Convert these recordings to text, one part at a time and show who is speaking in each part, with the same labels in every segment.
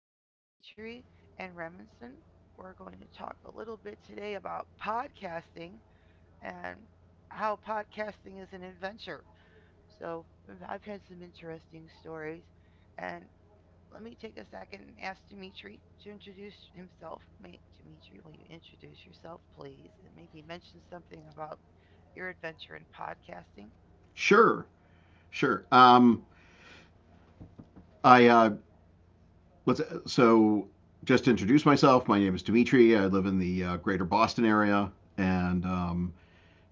Speaker 1: here with Dimitri and Remington. We're going to talk a little bit today about podcasting and how podcasting is an adventure. So, I've had some interesting stories, and let me take a second and ask Dimitri to introduce himself. Dimitri, will you introduce yourself, please, and maybe mention something about your adventure in podcasting?
Speaker 2: Sure, sure. I let's so Just to introduce myself, my name is Dimitri. I live in the Greater Boston area, and um,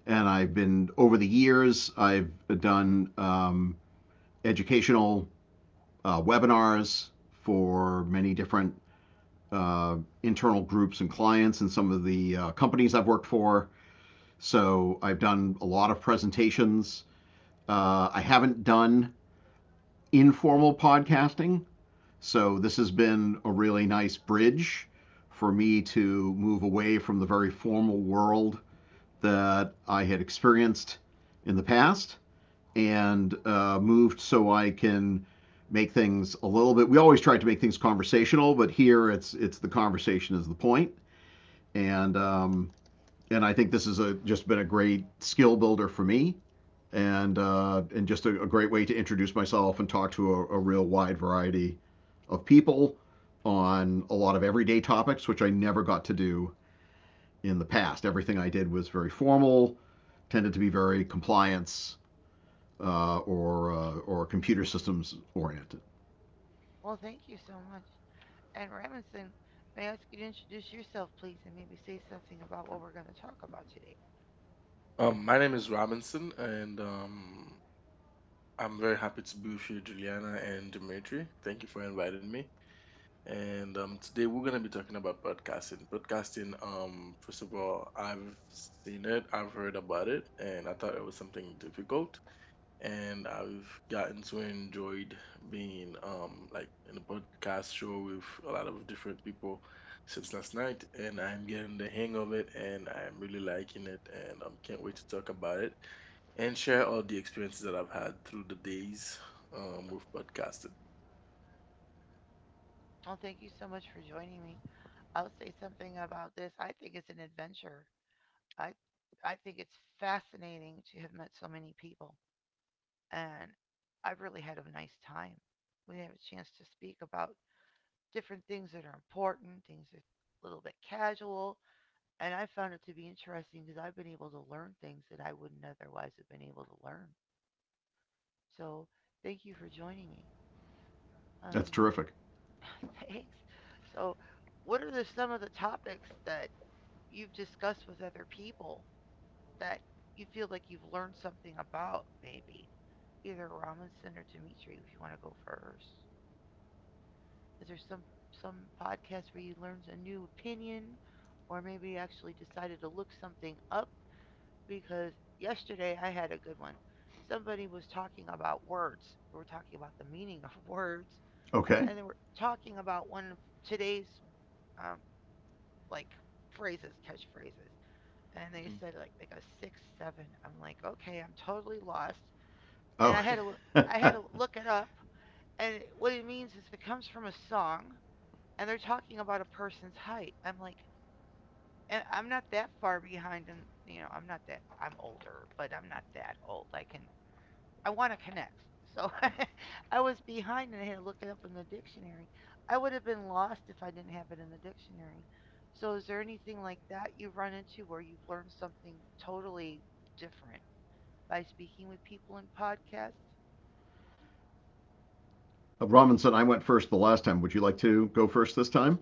Speaker 2: and I've been over the years. I've done educational webinars for many different uh, internal groups and clients, and some of the companies I've worked for. So I've done a lot of presentations. I haven't done informal podcasting. So this has been a really nice bridge for me to move away from the very formal world that I had experienced in the past, and moved so I can make things a little bit. We always tried to make things conversational, but here it's, the conversation is the point, and um, and I think this has just been a great skill builder for me and just a great way to introduce myself and talk to a real wide variety of people on a lot of everyday topics, which I never got to do in the past. Everything I did was very formal, tended to be very compliance, or computer systems oriented.
Speaker 1: Well, thank you so much, and Robinson, may I ask you to introduce yourself, please, and maybe say something about what we're going to talk about today?
Speaker 3: My name is Robinson, and I'm very happy to be with you, Juliana and Dimitri. Thank you for inviting me. And today we're going to be talking about podcasting. Podcasting, first of all, I've seen it, I've heard about it, and I thought it was something difficult. And I've gotten to enjoyed being like in a podcast show with a lot of different people since last night, and I'm getting the hang of it, and I'm really liking it, and I can't wait to talk about it and share all the experiences that I've had through the days with podcasting.
Speaker 1: Well, thank you so much for joining me. I'll say something about this. I think it's an adventure. I, I think it's fascinating to have met so many people, and I've really had a nice time. We have a chance to speak about different things that are important, things that are a little bit casual, and I found it to be interesting because I've been able to learn things that I wouldn't otherwise have been able to learn. So, thank you for joining me.
Speaker 2: That's
Speaker 1: Um,
Speaker 2: terrific.
Speaker 1: thanks. So, what are some of the topics that you've discussed with other people that you feel like you've learned something about, maybe? Either Robinson or Dimitri, if you want to go first. Is there some podcast where you learned a new opinion, or maybe actually decided to look something up? Because yesterday I had a good one. Somebody was talking about words. We were talking about the meaning of words,
Speaker 2: Okay.
Speaker 1: and they were talking about one of today's um, like phrases, catchphrases. And they
Speaker 3: Mm.
Speaker 1: said like they go six, seven. I'm like, okay, I'm totally lost. And I
Speaker 2: Oh.
Speaker 1: had to I had to look it up. And what it means is it comes from a song, and they're talking about a person's height. I'm like, and I'm not that far behind, and you know, I'm not that I'm older, but I'm not that old. I want to connect. So I was behind and I had to look it up in the dictionary. I would have been lost if I didn't have it in the dictionary. So is there anything like that you've run into where you've learned something totally different by speaking with people in podcasts?
Speaker 2: Robinson, I went first the last time. Would you like to go first this time?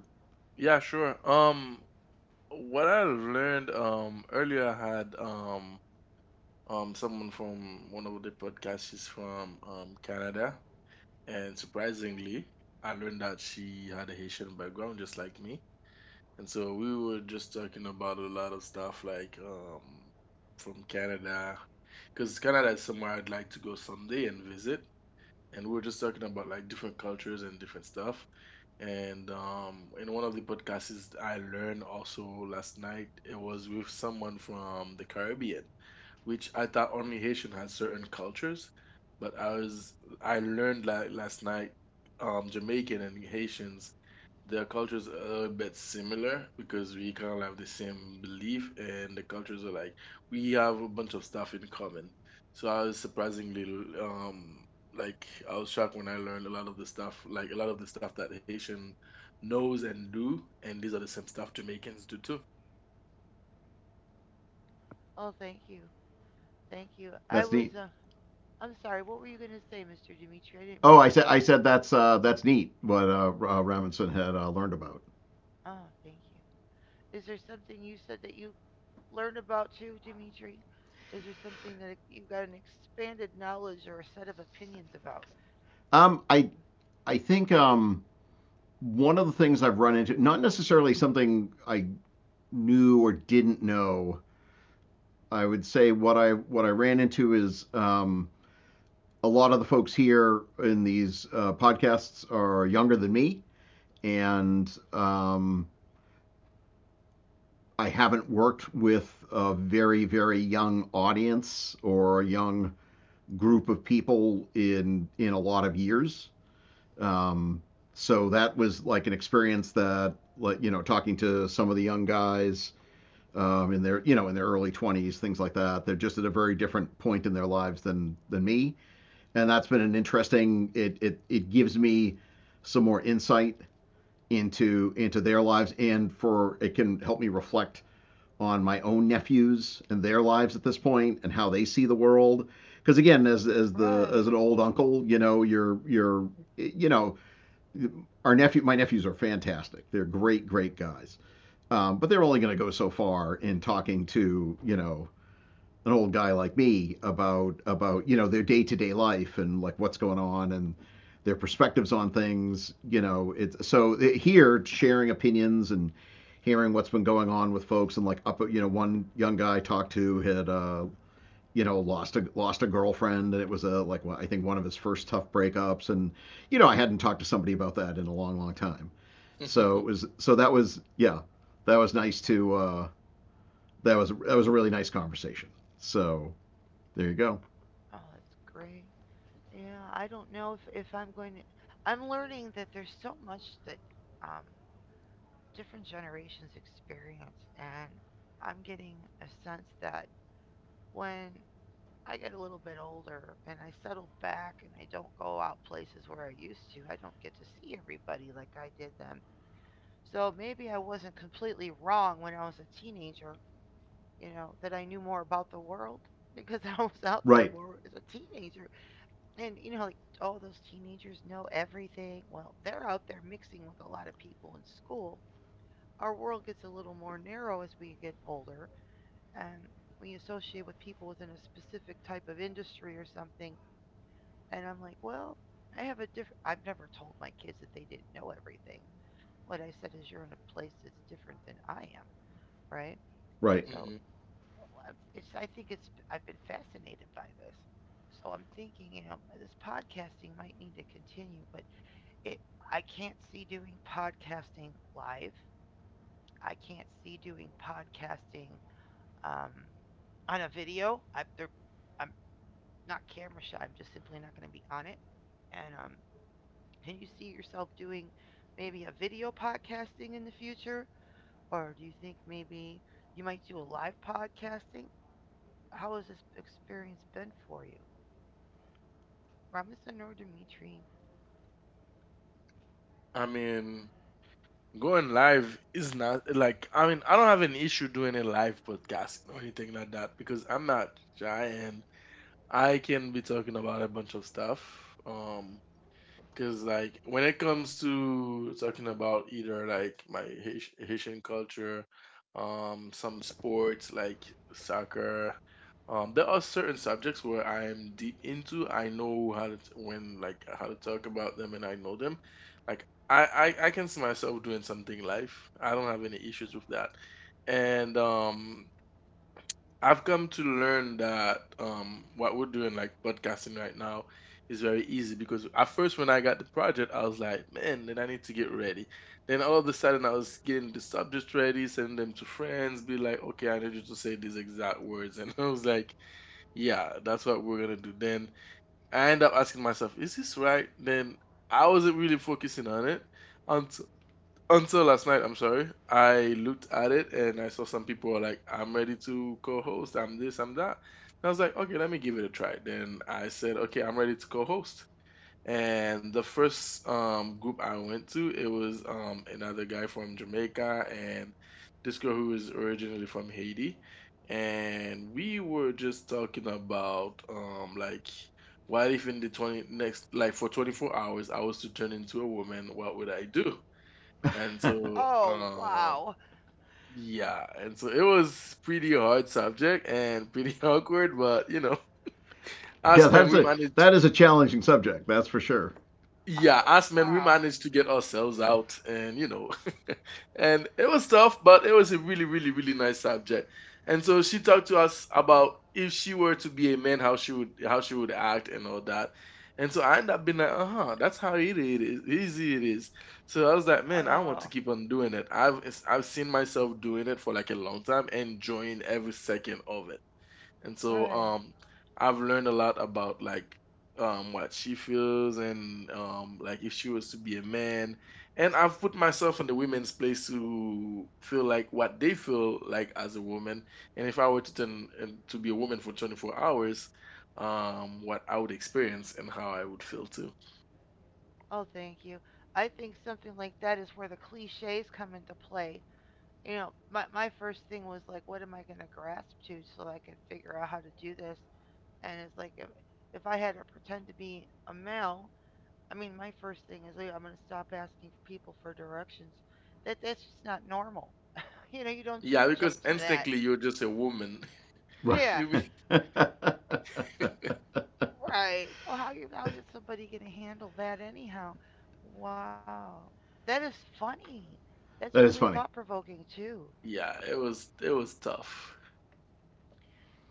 Speaker 3: Yeah, sure. What I learned earlier, I had someone from one of the podcasts. She's from Canada, and surprisingly, I learned that she had a Haitian background, just like me. And so we were just talking about a lot of stuff like from Canada, because Canada is somewhere I'd like to go someday and visit. And we were just talking about like different cultures and different stuff. And in one of the podcasts I learned also last night, it was with someone from the Caribbean, which I thought only Haitian had certain cultures, but I learned like last night, Jamaican and Haitians, their cultures are a little bit similar because we kind of have the same belief and the cultures are like we have a bunch of stuff in common. So I was surprisingly um like I was shocked when I learned a lot of the stuff like a lot of the stuff that Haitian knows and do, and these are the same stuff Jamaicans do too.
Speaker 1: Oh, thank you. Thank you.
Speaker 2: That's neat.
Speaker 1: I'm sorry. What were you going to say, Mr. Dimitri? I didn't
Speaker 2: Oh,
Speaker 1: mean to
Speaker 2: I said I
Speaker 1: interrupt you.
Speaker 2: said that's neat what Robinson had learned about.
Speaker 1: Oh, thank you. Is there something you said that you learned about too, Dimitri? Is there something that you got an expanded knowledge or a set of opinions about?
Speaker 2: Um, I, I think one of the things I've run into, not necessarily something I knew or didn't know, I would say what I ran into is a lot of the folks here in these podcasts are younger than me, and I haven't worked with a very young audience or a young group of people in a lot of years. Um, so that was like an experience that, like, you know, talking to some of the young guys in their, you know, in their early 20s, things like that. They're just at a very different point in their lives than me, and that's been an interesting. It gives me some more insight into their lives, and for it can help me reflect on my own nephews and their lives at this point and how they see the world, because again, as the as
Speaker 1: Right.
Speaker 2: an old uncle, you know, you're you know, our nephew, my nephews are fantastic. They're great, great guys. But they're only going to go so far in talking to, you know, an old guy like me about, you know, their day to day life and like what's going on and their perspectives on things. You know, it's so here sharing opinions and hearing what's been going on with folks and like up, you know, one young guy I talked to had you know, lost a lost a girlfriend, and it was a, like, I think one of his first tough breakups, and you know, I hadn't talked to somebody about that in a long time, so it was, so that was, yeah, that was nice to that was, that was a really nice conversation, so there you go.
Speaker 1: Oh, that's great. Yeah, I don't know if I'm going to. I'm learning that there's so much that um, different generations experience, and I'm getting a sense that when I get a little bit older and I settle back and I don't go out places where I used to, I don't get to see everybody like I did then. So maybe I wasn't completely wrong when I was a teenager, you know, that I knew more about the world because I was out there
Speaker 2: Right.
Speaker 1: more as a teenager. And, you know, like all those teenagers know everything. Well, they're out there mixing with a lot of people in school. Our world gets a little more narrow as we get older and we associate with people within a specific type of industry or something. And I'm like, well, I have a different, I've never told my kids that they didn't know everything. What I said is, you're in a place that's different than I am, right?
Speaker 2: Right.
Speaker 1: So
Speaker 3: hmm
Speaker 1: I it's I think it's I've been fascinated by this. So I'm thinking, you know, this podcasting might need to continue, but it I can't see doing podcasting live. I can't see doing podcasting um, on a video. I'm not camera shy. I'm just simply not going to be on it. And can you see yourself doing maybe a video podcasting in the future, or do you think maybe you might do a live podcasting? How has this experience been for you? Ramazan or Dimitri?
Speaker 3: I mean, going live is not like I don't have an issue doing a live podcast or anything like that because I'm not shy, and I can be talking about a bunch of stuff. Um, because, like, when it comes to talking about either like my Haitian culture, some sports like soccer, there are certain subjects where I'm deep into. I know how to, when, like, how to talk about them and I know them. Like, I can see myself doing something life. I don't have any issues with that. And, I've come to learn that what we're doing, like podcasting right now, is very easy because at first, when I got the project, I was like, man, then I need to get ready. Then all of a sudden, I was getting the subject ready, sending them to friends, be like, okay, I need you to say these exact words. And I was like, yeah, that's what we're going to do. Then I end up asking myself, is this right? Then I wasn't really focusing on it until last night, I'm sorry. I looked at it and I saw some people were like, I'm ready to co host, I'm this, I'm that. And I was like, okay, let me give it a try. Then I said, okay, I'm ready to co host. And the first group I went to, it was another guy from Jamaica and this girl who is originally from Haiti. And we were just talking about like, what if in the 20 next, like for 24 hours, I was to turn into a woman, what would I do? And
Speaker 2: yeah,
Speaker 3: so,
Speaker 1: Oh, wow.
Speaker 3: yeah, and so it was pretty hard subject and pretty awkward, but you know, us men,
Speaker 2: that's
Speaker 3: we
Speaker 2: a
Speaker 3: managed.
Speaker 2: that is a challenging subject, that's for sure.
Speaker 3: Yeah,
Speaker 1: Oh,
Speaker 3: as men, we
Speaker 1: wow.
Speaker 3: managed to get ourselves out, and you know, and it was tough, but it was a really, really, really nice subject. And so she talked to us about if she were to be a man, how she would act, and all that. And so I ended up being like, uh huh, that's how easy it is, easy it is. So I was like, man, I want to
Speaker 1: Oh,
Speaker 3: keep on doing it. I've seen myself doing it for like a long time, enjoying every second of. And so
Speaker 1: right.
Speaker 3: I've learned a lot about like what she feels and like if she was to be a man. And I've put myself in the women's place to feel like what they feel like as a woman. And if I were to turn and to be a woman for 24 hours, what I would experience and how I would feel too.
Speaker 1: Oh, thank you. I think something like that is where the cliches come into play. You know, my first thing was like, what am I going to grasp to so I can figure out how to do this? And it's like, if I had to pretend to be a male, I mean, my first thing is, like, I'm going to stop asking people for directions. That That's just not normal. You know, you don't
Speaker 3: Yeah,
Speaker 1: just jump
Speaker 3: because
Speaker 1: to that.
Speaker 3: instantly you're just a woman.
Speaker 2: Right.
Speaker 1: Yeah,
Speaker 3: You be
Speaker 2: that
Speaker 1: right. So how you how is somebody gonna handle that anyhow? Wow, that is funny. That's really
Speaker 2: is
Speaker 1: thought
Speaker 2: funny.
Speaker 1: provoking too.
Speaker 3: yeah, it was tough.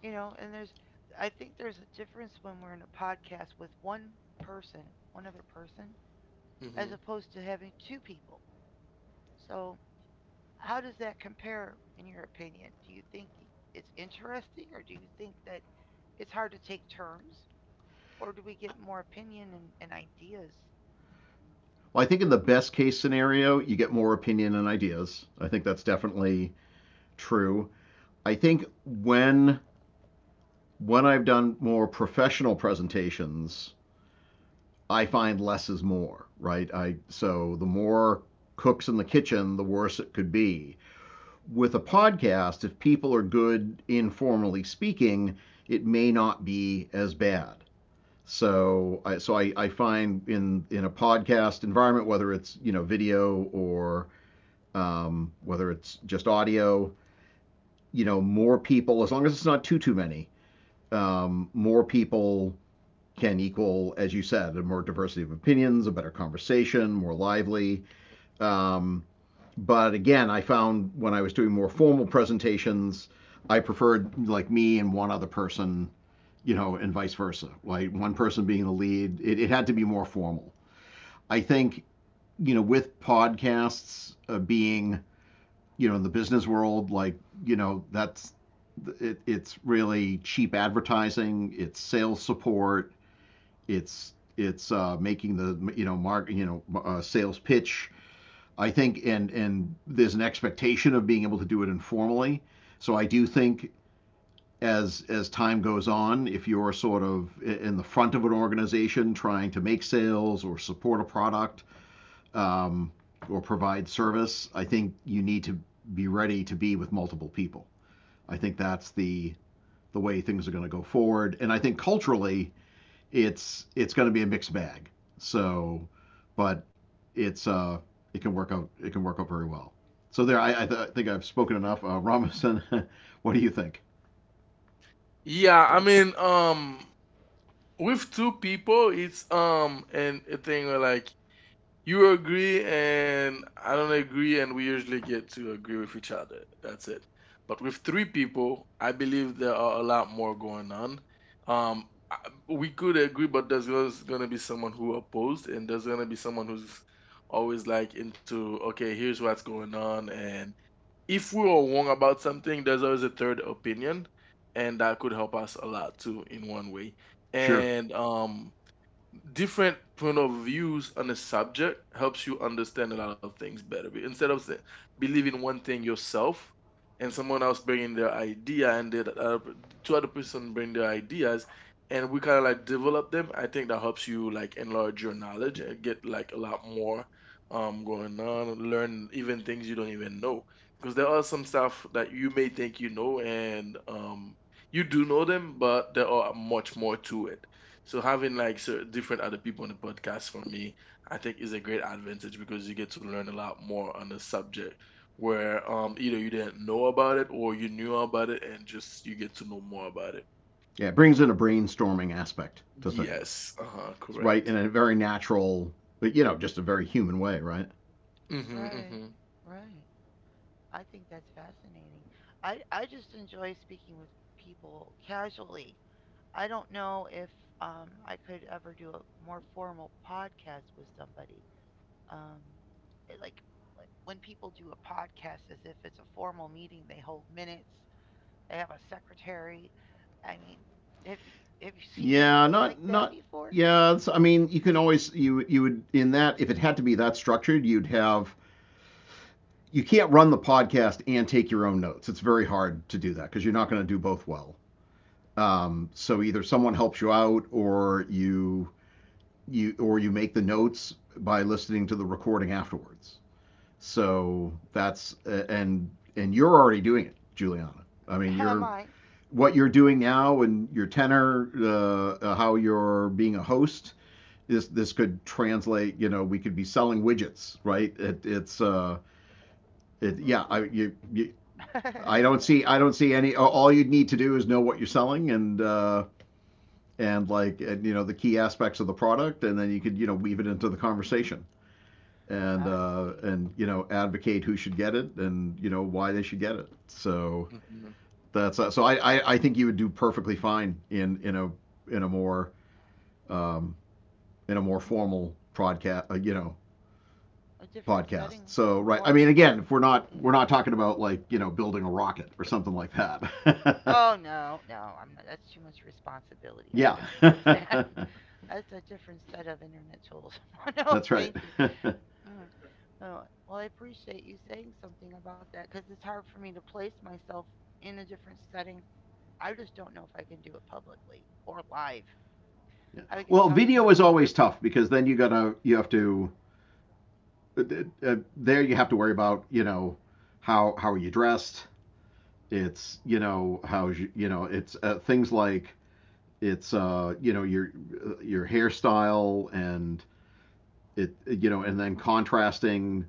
Speaker 1: You know, and there's I think there's a difference when we're in a podcast with one person, one other person, as
Speaker 3: hmm
Speaker 1: opposed to having two people. So how does that compare in your opinion? Do you think it's interesting, or do you think that it's hard to take turns, or do we get more opinion and ideas?
Speaker 2: Well, I think in the best case scenario you get more opinion and ideas, I think that's definitely true. I think when I've done more professional presentations, I find less is more, right? I so the more cooks in the kitchen, the worse it could be. With a podcast, if people are good informally speaking, it may not be as bad. So I find in a podcast environment, whether it's, you know, video or whether it's just audio, you know, more people, as long as it's not too many, more people can equal, as you said, a more diversity of opinions, a better conversation, more lively. Um, but again, I found when I was doing more formal presentations, I preferred like me and one other person, you know, and vice versa. Like one person being the lead, it had to be more formal. I think, you know, with podcasts being, you know, in the business world, like, you know, that's it's really cheap advertising, it's sales support, it's making the, you know, mark, you know, sales pitch. I think, and there's an expectation of being able to do it informally. So I do think as time goes on, if you're sort of in the front of an organization trying to make sales or support a product, um, or provide service, I think you need to be ready to be with multiple people. I think that's the way things are going to go forward, and I think culturally, it's going to be a mixed bag. So, but it's it can work out, it can work out very well. So there, I think I've spoken enough. Robinson, what do you think?
Speaker 3: yeah, I mean, with two people it's and a thing where like you agree and I don't agree and we usually get to agree with each other, that's it. But with three people I believe there are a lot more going on. um I- we could agree, but there's going to be someone who opposed, and there's going to be someone who's always like into okay here's what's going on. And if we were wrong about something, there's always a third opinion, and that could help us a lot too in one way.
Speaker 2: Sure.
Speaker 3: And different point of views on a subject helps you understand a lot of things better. Instead of say, believing one thing yourself and someone else bringing their idea and the other, two other person bring their ideas and we kind of like develop them, I think that helps you like enlarge your knowledge and get like a lot more going on, learn even things you don't even know. Because there are some stuff that you may think you know, and you do know them, but there are much more to it. So having like so different other people on the podcast for me, I think is a great advantage because you get to learn a lot more on the subject where either you didn't know about it or you knew about it and just you get to know more about it.
Speaker 2: Yeah, it brings in a brainstorming aspect to things,
Speaker 3: Yes, uh-huh,
Speaker 2: right? In
Speaker 3: correct.
Speaker 2: a very natural, but you know, just a very human way, right?
Speaker 3: Mm-hmm,
Speaker 1: Right,
Speaker 3: mm-hmm,
Speaker 1: right. I think that's fascinating. I just enjoy speaking with people casually. I don't know if I could ever do a more formal podcast with somebody. Um it- like like when people do a podcast as if it's a formal meeting, they hold minutes, they have a secretary. I mean, have you have you seen
Speaker 2: Yeah,
Speaker 1: anything like
Speaker 2: not
Speaker 1: that
Speaker 2: not
Speaker 1: before?
Speaker 2: yeah. I mean, you can always you would in that, if it had to be that structured, you'd have, you can't run the podcast and take your own notes. It's very hard to do that because you're not going to do both well. So either someone helps you out, or you or you make the notes by listening to the recording afterwards. So that's and you're already doing it, Juliana. I mean,
Speaker 1: Am
Speaker 2: you're
Speaker 1: I?
Speaker 2: what you're doing now and your tenor, how you're being a host. This could translate. You know, we could be selling widgets, right? Yeah. I you, you I don't see, any. All you'd need to do is know what you're selling, and and like and, you know, the key aspects of the product, and then you could, you know, weave it into the conversation and
Speaker 1: I
Speaker 2: uh,
Speaker 1: see.
Speaker 2: and you know advocate who should get it, and you know why they should get it. So
Speaker 3: mm-hmm.
Speaker 2: that's so I, I think you would do perfectly fine in a in a more um, in a more formal podcast,
Speaker 1: A different
Speaker 2: podcast.
Speaker 1: setting,
Speaker 2: So right, I
Speaker 1: formal
Speaker 2: mean,
Speaker 1: pod.
Speaker 2: again, if we're not we're
Speaker 1: Yeah,
Speaker 2: not talking about like, you know, building a rocket or something like that.
Speaker 1: oh no, no, I'm not. That's too much responsibility. I
Speaker 2: Yeah.
Speaker 1: couldn't handle that. That's a different set of internet tools. No,
Speaker 2: That's right.
Speaker 1: thank you.
Speaker 2: yeah.
Speaker 1: Mm, oh, well, I appreciate you saying something about that because it's hard for me to place myself in a different setting. I just don't know if I can do it publicly or live. I would get
Speaker 2: Well,
Speaker 1: tongue
Speaker 2: video
Speaker 1: tangled
Speaker 2: is
Speaker 1: and
Speaker 2: always
Speaker 1: nervous.
Speaker 2: tough because then you gotta you have to uh, there you have to worry about, you know, how are you dressed. It's you know how you, you know, it's things like it's you know, your hairstyle, and it, you know, and then contrasting,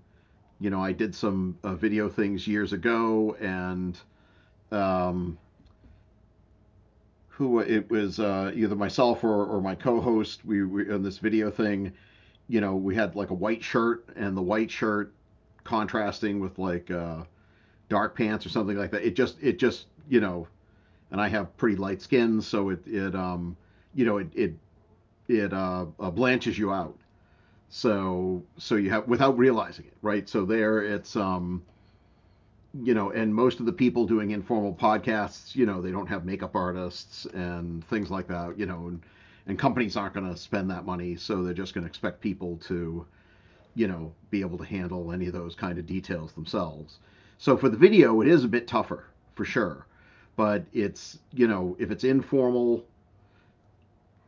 Speaker 2: you know, I did some video things years ago, and um who it was, either myself or my co-host, we on this video thing, you know, we had like a white shirt, and the white shirt contrasting with like dark pants or something like that, it just you know, and I have pretty light skin, so it you know it blanches you out, so so you have without realizing it, right, so there it's you know, and most of the people doing informal podcasts, you know, they don't have makeup artists and things like that, you know, and companies aren't going to spend that money. So they're just going to expect people to, you know, be able to handle any of those kind of details themselves. So for the video, it is a bit tougher for sure. But it's, you know, if it's informal,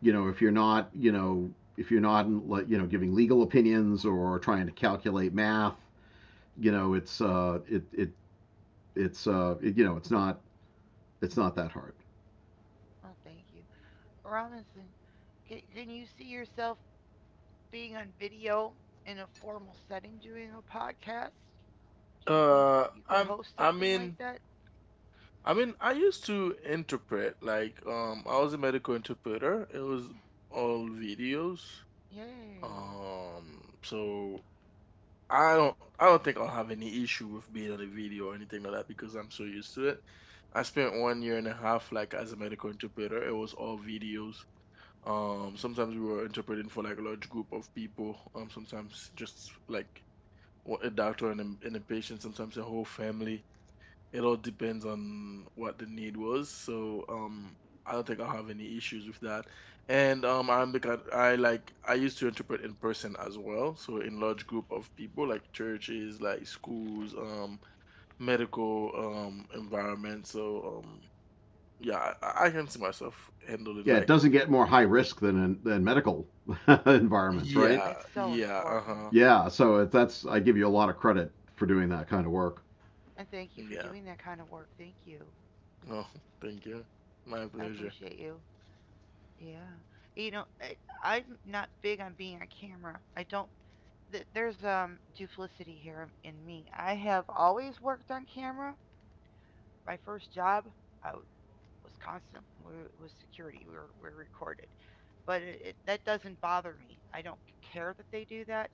Speaker 2: you know, if you're not, you know, if you're not, like, you know, giving legal opinions or trying to calculate math, you know, it's, it, it, it's, it, you know, it's not that hard.
Speaker 1: Oh, thank you, Robinson. Can you see yourself being on video in a formal setting doing a podcast? Do you think you could host
Speaker 3: I
Speaker 1: something like
Speaker 3: mean,
Speaker 1: that?
Speaker 3: I mean, I used to interpret like I was a medical interpreter. It was all videos.
Speaker 1: Yay.
Speaker 3: So I don't think I'll have any issue with being on a video or anything like that because I'm so used to it. I spent 1 year and a half like as a medical interpreter. It was all videos. Sometimes we were interpreting for like a large group of people. Sometimes just like a doctor and and a patient. Sometimes a whole family. It all depends on what the need was. So I don't think I'll have any issues with that. And I'm the kind I used to interpret in person as well. So in large group of people like churches, like schools, medical environment. So yeah, I can see myself handling
Speaker 2: Yeah, it doesn't get more high
Speaker 3: like
Speaker 2: risk than in, than medical environments, right?
Speaker 3: yeah,
Speaker 1: It's so
Speaker 3: yeah,
Speaker 1: important.
Speaker 3: uh-huh,
Speaker 2: Yeah, so it, that's I give you a lot of credit for doing that kind of work.
Speaker 1: And thank you for
Speaker 3: yeah.
Speaker 1: doing that kind of work. Thank you.
Speaker 3: Oh, thank you. My
Speaker 1: I
Speaker 3: pleasure.
Speaker 1: appreciate you. Yeah. You know, I'm not big on being on camera. I don't. There's duplicity here in me. I have always worked on camera. My first job, I w- was constant, was security. We were recorded, but that doesn't bother me. I don't care that they do that.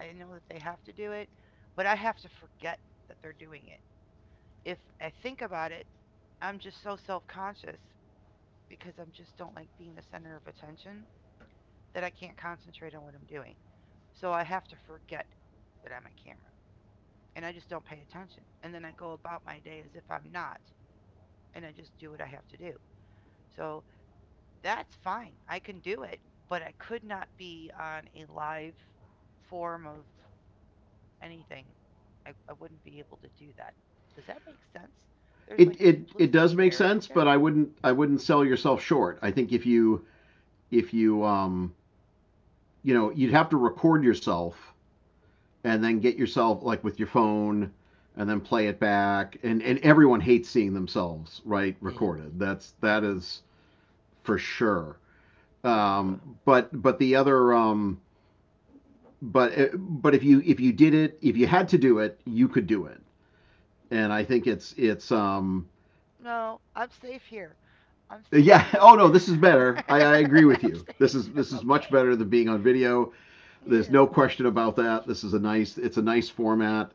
Speaker 1: I know that they have to do it, but I have to forget that they're doing it. If I think about it, I'm just so self conscious because I just don't like being the center of attention that I can't concentrate on what I'm doing. So I have to forget that I'm a camera and I just don't pay attention. And then I go about my day as if I'm not and I just do what I have to do. So that's fine. I can do it, but I could not be on a live form of anything. I wouldn't be able to do that. Does that make sense? There's like
Speaker 2: It,
Speaker 1: a
Speaker 2: it does
Speaker 1: duplicity
Speaker 2: make
Speaker 1: there, isn't
Speaker 2: sense,
Speaker 1: there?
Speaker 2: but I wouldn't sell yourself short. I think if you, if you you know, you'd have to record yourself and then get yourself like with your phone and then play it back, and everyone hates seeing themselves right
Speaker 3: Mhm,
Speaker 2: recorded. That's that is for sure.
Speaker 1: Uh,
Speaker 2: But the other, but if you did it if you had to do it you could do it and I think it's
Speaker 1: No, I'm safe here. I'm safe
Speaker 2: Yeah,
Speaker 1: here.
Speaker 2: oh no, this is better.
Speaker 1: I'm
Speaker 2: I agree with you, this
Speaker 1: safe.
Speaker 2: is
Speaker 1: I'm
Speaker 2: much
Speaker 1: okay.
Speaker 2: better than being on video. There's no
Speaker 1: Yeah.
Speaker 2: question about that. This is a nice, it's a nice format,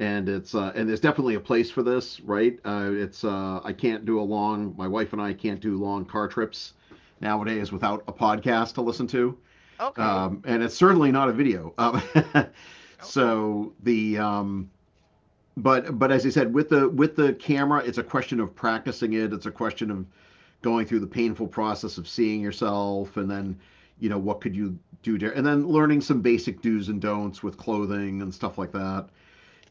Speaker 2: and it's and there's definitely a place for this, right? It's I can't do a long, my wife and I can't do long car trips nowadays without a podcast to listen to.
Speaker 1: Okay.
Speaker 3: mhm.
Speaker 2: And it's certainly not a video,
Speaker 1: Okay.
Speaker 2: so the But as I said, with the camera, it's a question of practicing it. It's a question of going through the painful process of seeing yourself, and then you know what could you do there, and then learning some basic do's and don'ts with clothing and stuff like that,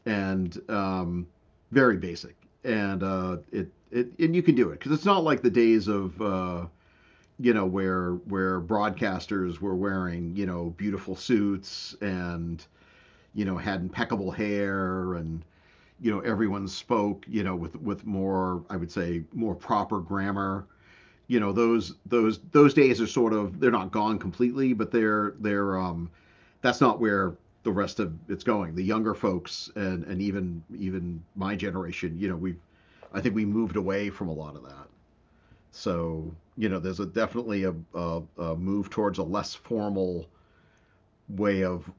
Speaker 2: and very basic. And it and you can do it because it's not like the days of. You know where broadcasters were wearing, you know, beautiful suits, and, you know, had impeccable hair, and, you know, everyone spoke, you know, with more, I would say more proper grammar. You know, those days are sort of, they're not gone completely, but they're, that's not where the rest of it's going. The younger folks and and even my generation, you know, we've, I think we moved away from a lot of that. So, you know, there's a definitely a move towards a less formal way of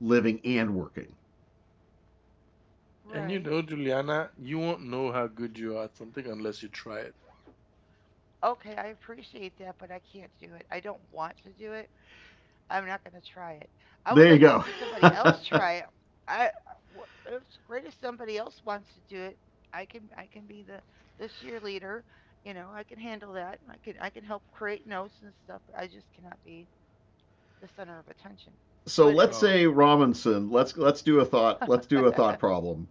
Speaker 2: living and working.
Speaker 3: And you
Speaker 1: Right.
Speaker 3: know, Juliana, you won't know how good you are at something unless you try it.
Speaker 1: Okay, I appreciate that, but I can't do it. I don't want to do it. I'm not going to try it. I would
Speaker 2: There you
Speaker 1: like to
Speaker 2: go.
Speaker 1: see somebody else try it. I it's great if somebody else wants to do it. I can be the cheerleader, you know. I can handle that. I can help create notes and stuff, but I just cannot be the center of attention.
Speaker 2: So
Speaker 1: But
Speaker 2: let's
Speaker 1: it's
Speaker 3: Oh,
Speaker 2: say Robinson, let's do a thought, let's do a thought problem.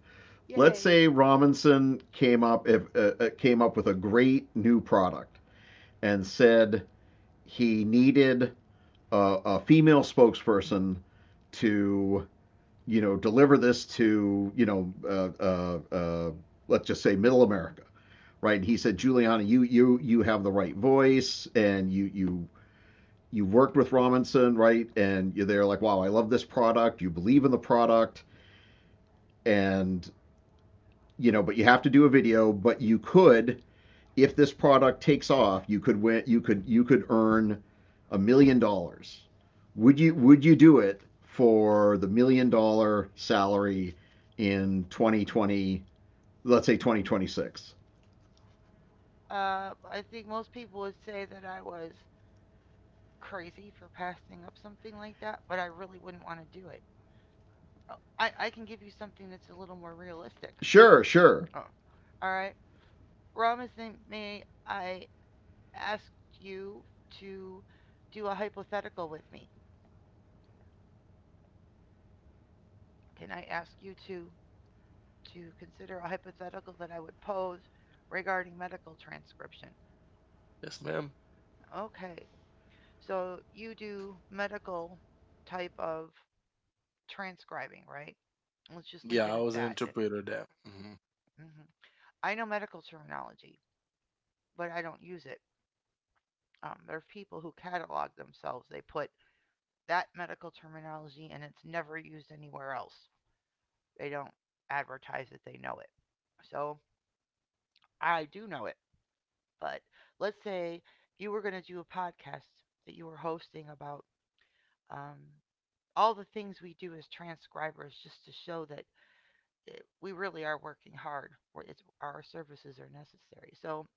Speaker 2: Let's
Speaker 1: Yay.
Speaker 2: say Robinson came up, if came up with a great new product, and said he needed a, a female spokesperson to, you know, deliver this to, you know, let's just say middle America, right? And he said, Juliana, you have the right voice, and you you worked with Robinson, right? And you're there like, wow, I love this product. You believe in the product. And, you know, but you have to do a video. But you could, if this product takes off, you could win. You could, you could earn $1 million. Would you do it for the million dollar salary in 2020? Let's say 2026.
Speaker 1: I think most people would say that I was crazy for passing up something like that, but I really wouldn't want to do it. Oh, I can give you something that's a little more realistic.
Speaker 2: Sure, sure.
Speaker 1: Oh. All right. Robinson, I ask you to do a hypothetical with me? Can I ask you to consider a hypothetical that I would pose regarding medical transcription?
Speaker 3: yes, ma'am.
Speaker 1: Okay. So you do medical type of transcribing, right? Let's just leave
Speaker 3: Yeah,
Speaker 1: it
Speaker 3: I
Speaker 1: at
Speaker 3: was an
Speaker 1: that.
Speaker 3: interpreter there. Hmm.
Speaker 1: Mhm. I know medical terminology, but I don't use it. There are people who catalog themselves. They put that medical terminology and it's never used anywhere else. They don't advertise that they know it. So I do know it. But let's say you were going to do a podcast that you were hosting about um, all the things we do as transcribers just to show that we really are working hard. It's our services are necessary. So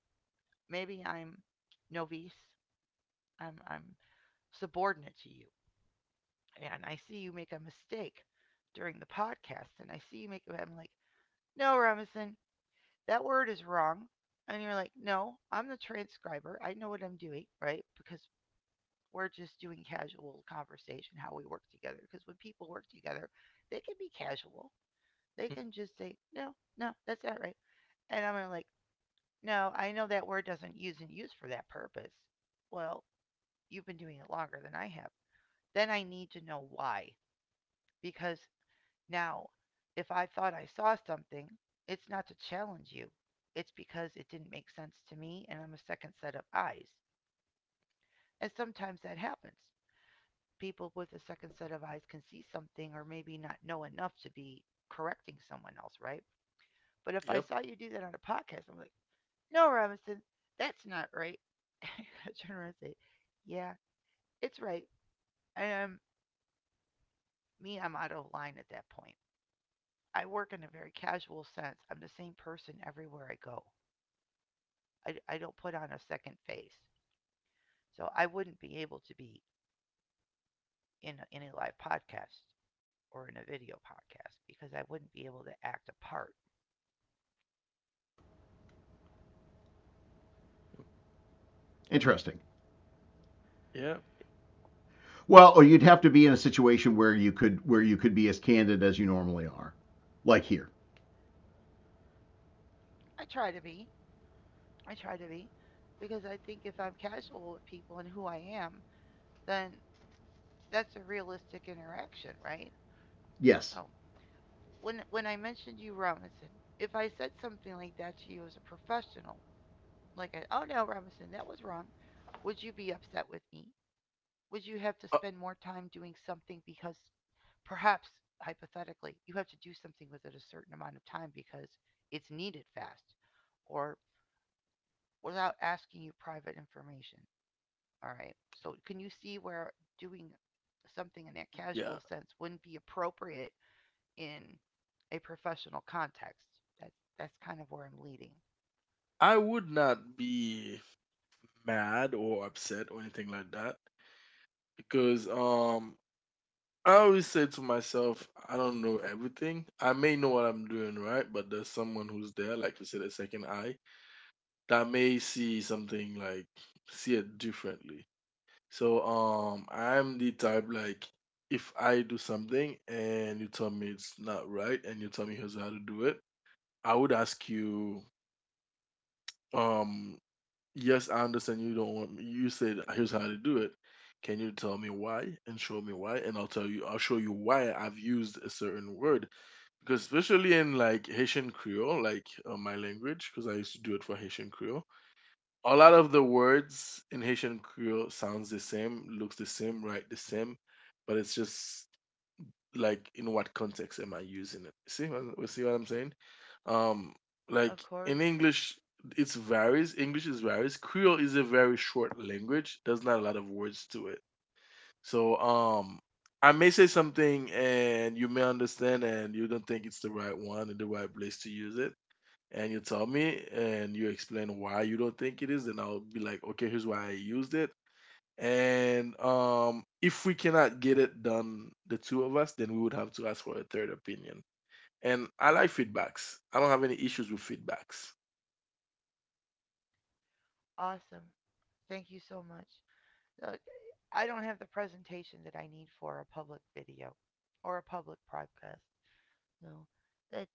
Speaker 1: maybe I'm novice. I'm subordinate to you, and I see you make a mistake during the podcast, and I see you make. I'm like, no, Robinson, that word is wrong. And you're like, "No, I'm the transcriber. I know what I'm doing," right? Because we're just doing casual conversation, how we work together. Because when people work together, they can be casual. They can just say, "No, no, that's not right." And I'm gonna like, no, I know that word doesn't use and use for that purpose. Well, you've been doing it longer than I have. Then I need to know why. Because now, if I thought I saw something, it's not to challenge you. It's because it didn't make sense to me and I'm a second set of eyes. And sometimes that happens. People with a second set of eyes can see something or maybe not know enough to be correcting someone else, right? But if I
Speaker 3: Yep.
Speaker 1: saw you do that on a podcast, I'm like, "No, Robinson, that's not right." I turn around and say, yeah, it's right. Um, me, I'm out of line at that point. I work in a very casual sense. I'm the same person everywhere I go. I don't put on a second face. So I wouldn't be able to be in a live podcast or in a video podcast because I wouldn't be able to act a part.
Speaker 2: Interesting.
Speaker 3: Yeah.
Speaker 2: Well, or you'd have to be in a situation where you could, where you could be as candid as you normally are, like here.
Speaker 1: I try to be. I try to be because I think if I'm casual with people and who I am, then that's a realistic interaction, right?
Speaker 2: Yes.
Speaker 1: So when I mentioned you, Robinson, if I said something like that to you as a professional, like, I, oh no, Robinson, that was wrong, would you be upset with me? Would you have to
Speaker 3: Uh,
Speaker 1: spend more time doing something because perhaps hypothetically you have to do something within a certain amount of time because it's needed fast or without asking you private information? All right. So can you see where doing something in that
Speaker 3: yeah.
Speaker 1: casual sense wouldn't be appropriate in a professional context. That's that's kind of where I'm leading.
Speaker 3: I would not be mad or upset or anything like that because I always say to myself, I don't know everything. I may know what I'm doing right, but there's someone who's there, like you said, a second eye that may see something like see it differently. So I'm the type like if I do something and you tell me it's not right and you tell me here's how to do it, I would ask you, um, yes, I understand you don't want me you said here's how to do it. Can you tell me why and show me why? And I'll tell you I'll show you why I've used a certain word. Because especially in like Haitian Creole, like my language, because I used to do it for Haitian Creole, a lot of the words in Haitian Creole sounds the same, looks the same, right the same, but it's just like in what context am I using it? See, what- we see what I'm saying? Um,
Speaker 1: Of
Speaker 3: like
Speaker 1: course.
Speaker 3: in English, it's varies. English is varies. Creole is a very short language. There's not a lot of words to it. So, I may say something and you may understand and you don't think it's the right one and the right place to use it and you tell me and you explain why you don't think it is, then I'll be like, okay, here's why I used it. And if we cannot get it done, the two of us, then we would have to ask for a third opinion. And I like feedbacks. I don't have any issues with feedbacks.
Speaker 1: Awesome. Thank you so much. Look, I don't have the presentation that I need for a public video or a public podcast. No, that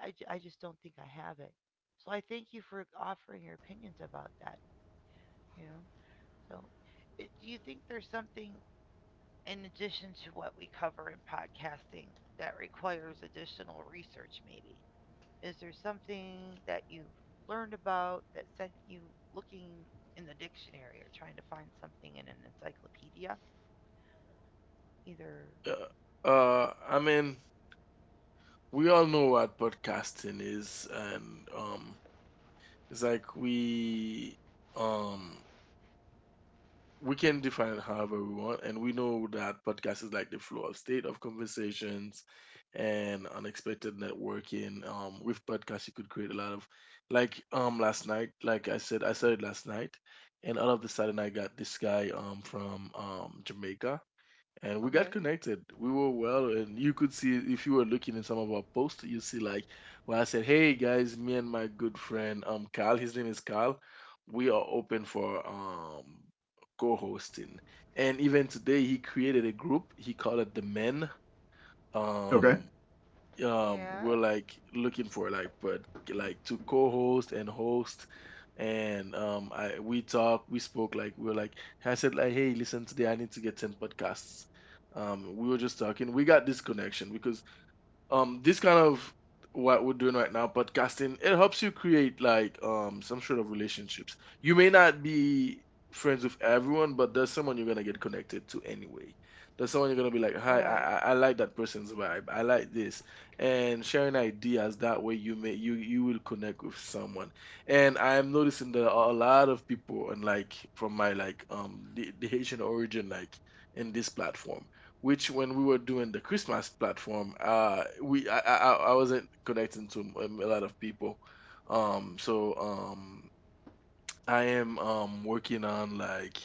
Speaker 1: I just don't think I have it. So I thank you for offering your opinions about that. You know, so do you think there's something in addition to what we cover in podcasting that requires additional research, maybe? Is there something that you've learned about that sent you looking in the dictionary or trying to find something in an encyclopedia? Either,
Speaker 3: I mean, we all know what podcasting is, and it's like um we can define it however we want, and we know that podcast is like the flow of state of conversations and unexpected networking. With podcasts, you could create a lot of, last night, like I said, I started last night, and out of the sudden, I got this guy from Jamaica, and we
Speaker 1: okay,
Speaker 3: got connected. We were well, and you could see if you were looking in some of our posts, you see, like, when I said, "Hey guys, me and my good friend Kyle, his name is Kyle, we are open for co-hosting." And even today, he created a group. He called it the Men.
Speaker 2: Okay.
Speaker 3: Um,
Speaker 1: yeah,
Speaker 3: we're like looking for like, but like to co-host and host. And I we talk we spoke, like we were like, I said, like, hey listen, today I need to get 10 podcasts. We were just talking, we got this connection because this kind of, what we're doing right now, podcasting, it helps you create, like, some sort of relationships. You may not be friends with everyone, but there's someone you're gonna get connected to anyway. There's someone you're gonna be like,
Speaker 1: all
Speaker 3: hi,
Speaker 1: right.
Speaker 3: I like that person's vibe, I like this. And sharing ideas, that way you may you you will connect with someone. And I'm noticing that a lot of people, and like, from my like, the haitian origin, like in this platform, which when we were doing the Christmas platform, we I wasn't connecting to a lot of people. So I am working on like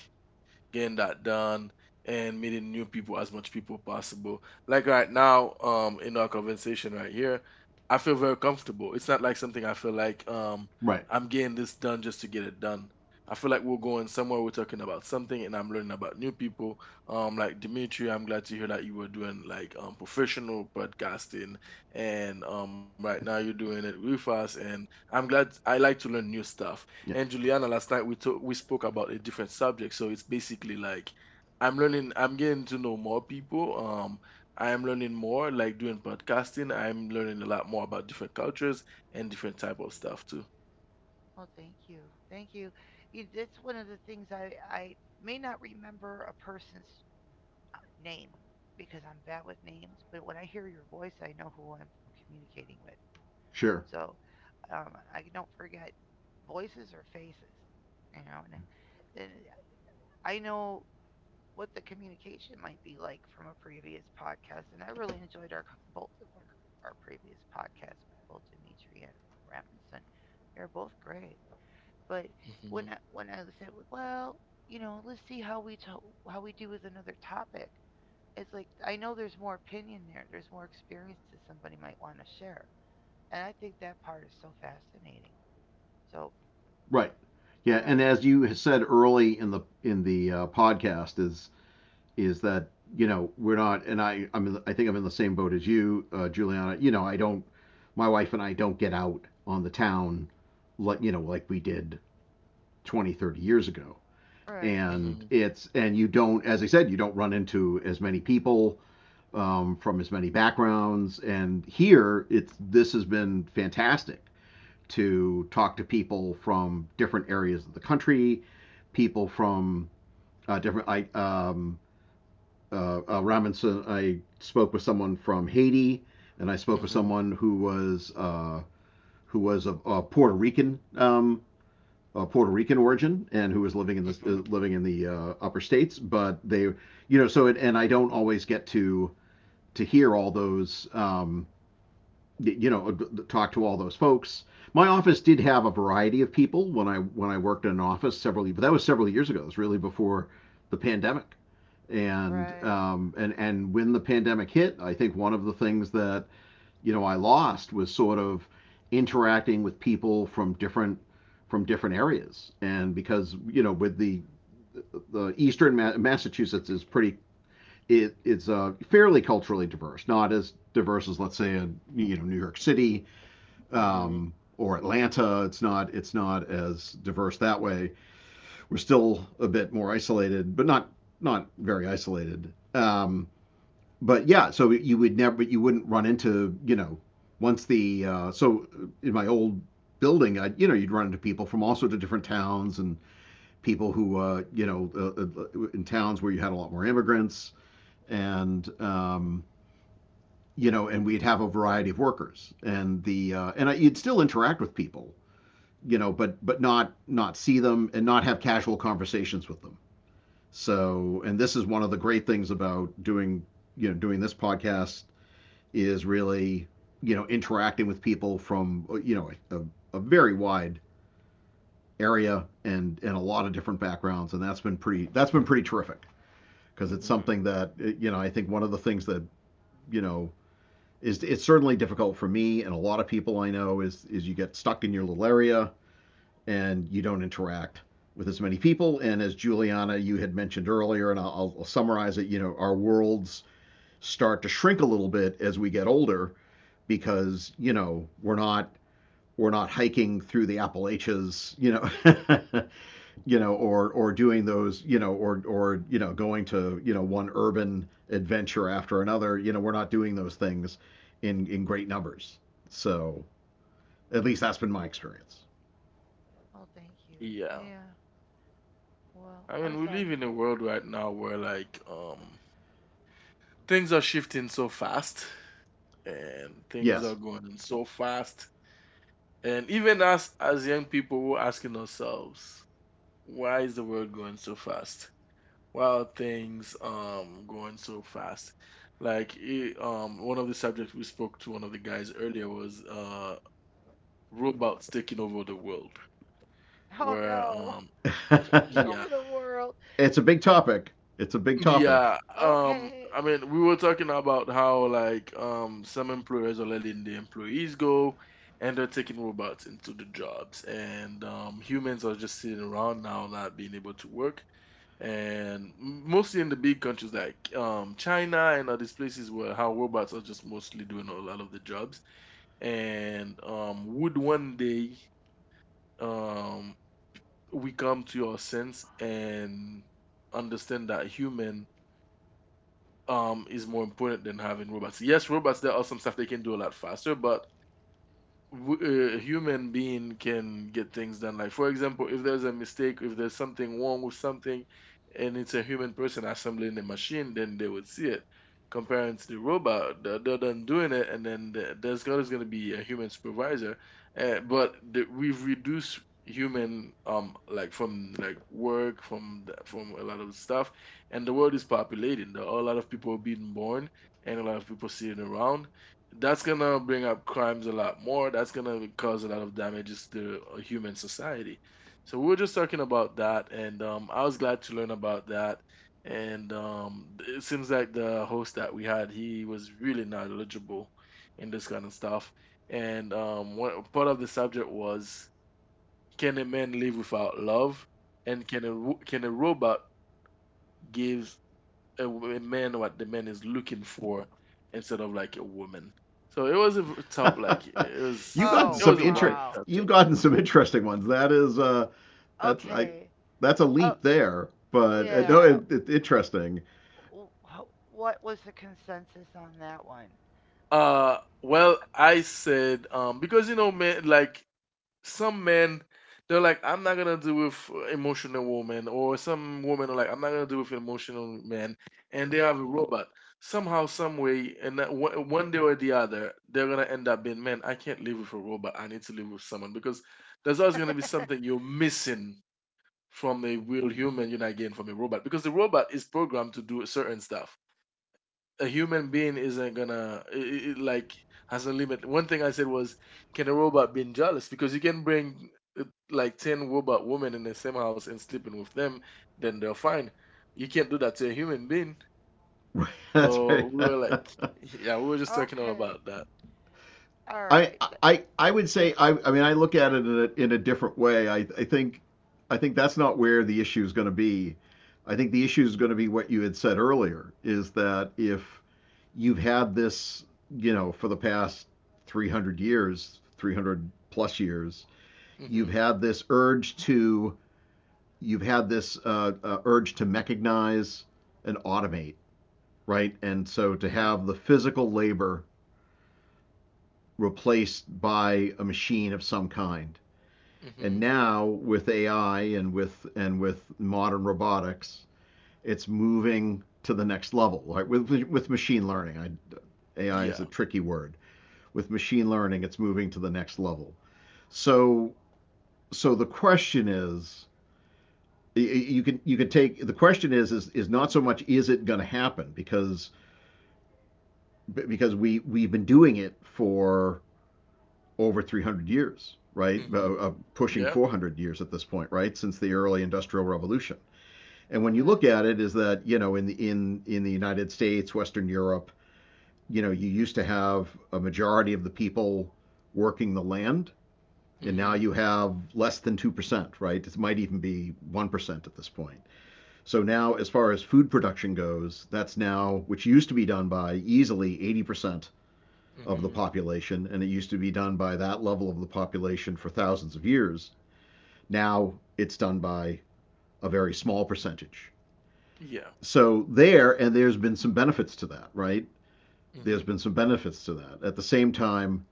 Speaker 3: getting that done and meeting new people as much people possible. Like right now, in our conversation right here, I feel very comfortable. It's not like something I feel like
Speaker 2: Right.
Speaker 3: I'm getting this done just to get it done. I feel like we're going somewhere. We're talking about something, and I'm learning about new people. Like Dimitri, I'm glad to hear that you were doing like professional podcasting, and right now you're doing it with us. And I'm glad, I like to learn new stuff.
Speaker 2: Yeah.
Speaker 3: And Juliana, last night we spoke about a different subject, so it's basically like I'm learning, I'm getting to know more people. I am learning more, like doing podcasting. I'm learning a lot more about different cultures and different type of stuff too.
Speaker 1: Well, thank you. Thank you. That's one of the things I may not remember a person's name because I'm bad with names, but when I hear your voice, I know who I'm communicating with.
Speaker 2: Sure.
Speaker 1: So I don't forget voices or faces, you know, and I know what the communication might be like from a previous podcast. And I really enjoyed our both of our previous podcasts with both Dimitri and Ramson. They're both great. But when
Speaker 3: Mhm,
Speaker 1: I said, well, you know, let's see how we how we do with another topic. It's like I know there's more opinion there. There's more experiences somebody might want to share, and I think that part is so fascinating. So
Speaker 2: Right. Yeah, and
Speaker 1: right,
Speaker 2: as you said early in the in the podcast, is that, you know, we're not, and I'm in the, I think I'm in the same boat as you, Juliana. You know, I don't, my wife and I don't get out on the town like, you know, like we did 20, 30 years ago,
Speaker 1: right,
Speaker 3: mhm,
Speaker 2: and it's and you don't, as I said, you don't run into as many people, from as many backgrounds, and here it's, this has been fantastic to talk to people from different areas of the country, people from different. I Robinson. I spoke with someone from Haiti, and I spoke with
Speaker 3: mhm,
Speaker 2: someone who was of Puerto Rican Puerto Rican origin and who was living in the
Speaker 3: mhm,
Speaker 2: upper states. But they, you know, so it, and I don't always get to hear all those. You know, talk to all those folks. My office did have a variety of people when I worked in an office several, but that was several years ago. It was really before the pandemic, and
Speaker 1: right.
Speaker 2: and when the pandemic hit, I think one of the things that, you know, I lost was sort of interacting with people from different, from different areas, and because, you know, with the eastern Ma- Massachusetts is pretty, it, it's fairly culturally diverse, not as diverse as, let's say, a, you know, New York City,
Speaker 3: mhm,
Speaker 2: or Atlanta. It's not, it's not as diverse that way. We're still a bit more isolated, but not, very isolated. But yeah, so you would never, you wouldn't run into, you know, once the so in my old building, I, you know, you'd run into people from all sorts of different towns and people who you know in towns where you had a lot more immigrants, and you know, and we'd have a variety of workers and the and I, you'd still interact with people, you know, but not, see them, and not have casual conversations with them. So, and this is one of the great things about doing, you know, doing this podcast is really, you know, interacting with people from, you know, very wide area, and a lot of different backgrounds, and that's been pretty, that's been pretty terrific, because it's
Speaker 3: mhm.
Speaker 2: something that, you know, I think one of the things that, you know, is it's certainly difficult for me and a lot of people I know, is you get stuck in your little area and you don't interact with as many people. And as Juliana, you had mentioned earlier, and I'll, summarize it, you know, our worlds start to shrink a little bit as we get older because, you know, we're not hiking through the Appalachians, you know, you know, or doing those, you know, or you know, going to, you know, one urban adventure after another. You know, we're not doing those things in great numbers. So at least that's been my experience.
Speaker 1: Oh, thank you.
Speaker 3: Yeah.
Speaker 1: Yeah. Well,
Speaker 3: I
Speaker 1: I'm
Speaker 3: mean, we live
Speaker 1: sorry.
Speaker 3: in a world right now where, like, things are shifting so fast and things
Speaker 2: Yes.
Speaker 3: are going so fast. And even us as young people, we're asking ourselves, why is the world going so fast? Why are things going so fast? Like it, one of the subjects we spoke to one of the guys earlier was robots taking over the world.
Speaker 1: Oh
Speaker 3: Where
Speaker 1: no. Taking
Speaker 3: Yeah,
Speaker 1: over the world.
Speaker 2: It's a big topic. It's a big topic.
Speaker 3: yeah,
Speaker 1: Okay.
Speaker 3: I mean, we were talking about how, like, some employers are letting the employees go, and they're taking robots into the jobs, and humans are just sitting around now not being able to work. And mostly in the big countries like China and other places, where how robots are just mostly doing a lot of the jobs. And would one day um, we come to our sense and understand that human is more important than having robots? Yes, robots, there are some stuff they can do a lot faster, but w- a human being can get things done. Like, for example, if there's a mistake, if there's something wrong with something, and it's a human person assembling the machine, then they would see it. Comparing to the robot, they're done doing it, and then the- there's always going to be a human supervisor. But the, we've reduced human like, from like work, from from a lot of stuff. And the world is populating, there are a lot of people being born and a lot of people sitting around. That's gonna bring up crimes a lot more. That's gonna cause a lot of damages to a human society. So we were just talking about that, and I was glad to learn about that. And it seems like the host that we had, he was really knowledgeable in this kind of stuff. And part of the subject was, can a man live without love? And can a robot give a a man what the man is looking for instead of like a woman. So it was a like, it
Speaker 2: you've
Speaker 3: was
Speaker 2: gotten
Speaker 3: it
Speaker 1: Oh,
Speaker 2: some
Speaker 3: was a wide
Speaker 2: inter-
Speaker 1: wow.
Speaker 3: subject.
Speaker 2: You've gotten some interesting ones. That is, that's I,
Speaker 1: Okay.
Speaker 2: that's a
Speaker 1: Oh,
Speaker 2: leap there. But no,
Speaker 3: Yeah.
Speaker 1: yeah.
Speaker 2: it, it's interesting.
Speaker 1: What was the consensus on that one?
Speaker 3: Well, I said, because you know, men, like, some men, they're like, I'm not gonna deal with emotional woman. Or some women are like, I'm not gonna deal with emotional man, and they have a robot somehow, some way. And that one day or the other, they're gonna end up being, man, I can't live with a robot, I need to live with someone, because there's always going to be
Speaker 1: Oh,
Speaker 3: something you're missing from a real human, you're not getting from a robot, because the robot is programmed to do certain stuff. A human being isn't gonna, I like, has a limit. One thing I said was, can a robot be jealous? Because you can bring uh, like, 10 robot women in the same house and sleeping with them, then they're fine. You can't do that to a human being.
Speaker 2: That's
Speaker 3: So
Speaker 2: right.
Speaker 3: we were like, yeah, we were just talking all
Speaker 1: okay.
Speaker 3: about that.
Speaker 1: All
Speaker 2: I
Speaker 1: right. That,
Speaker 2: I
Speaker 1: that,
Speaker 2: would
Speaker 1: that,
Speaker 2: say, I mean, I look at it in in a different way. I think I think that's not where the issue is going to be. I think the issue is going to be what you had said earlier, is that if you've had this, you know, for the past 300 years, 300 plus years, you've
Speaker 3: Hmm.
Speaker 2: had this urge to, you've had this urge to mechanize and automate, right? And so to have
Speaker 3: Hmm.
Speaker 2: the physical labor replaced by a machine of some kind. And
Speaker 3: Hmm.
Speaker 2: now with AI, and with modern robotics, it's moving to the next level. Right, with machine learning, I, AI is a
Speaker 3: Yeah.
Speaker 2: tricky word. With machine learning, it's moving to the next level. So, the question is, you can, take the question is, is not so much, is it going to happen? Because we we've been doing it for over 300 years, right?
Speaker 3: Hmm.
Speaker 2: Pushing
Speaker 3: Yeah.
Speaker 2: 400 years at this point, right? Since the early industrial revolution. And when you look
Speaker 1: okay.
Speaker 2: at it, is that, you know, in the, in the United States, Western Europe, you know, you used to have a majority of the people working the land, and now
Speaker 3: Hmm.
Speaker 2: you have less than 2%, right? It might even be 1% at this point. So now, as far as food production goes, that's now, which used to be done by easily 80% of the
Speaker 3: Hmm.
Speaker 2: population, and it used to be done by that level of the population for thousands of years. Now it's done by a very small percentage.
Speaker 3: Yeah.
Speaker 2: So there, and there's been some benefits to that, right? There's
Speaker 3: Hmm.
Speaker 2: been some benefits to that. At the same time,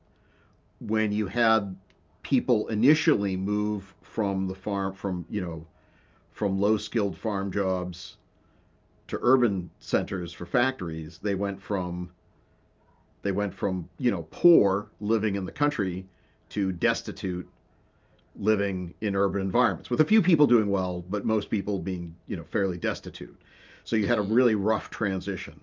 Speaker 2: when you had people initially move from the farm, from, you know, from low skilled farm jobs to urban centers for factories, they went from, they went from you know, poor living in the country to destitute living in urban environments, with a few people doing well, but most people being, you know, fairly destitute. So you had a
Speaker 3: Hmm.
Speaker 2: really rough transition.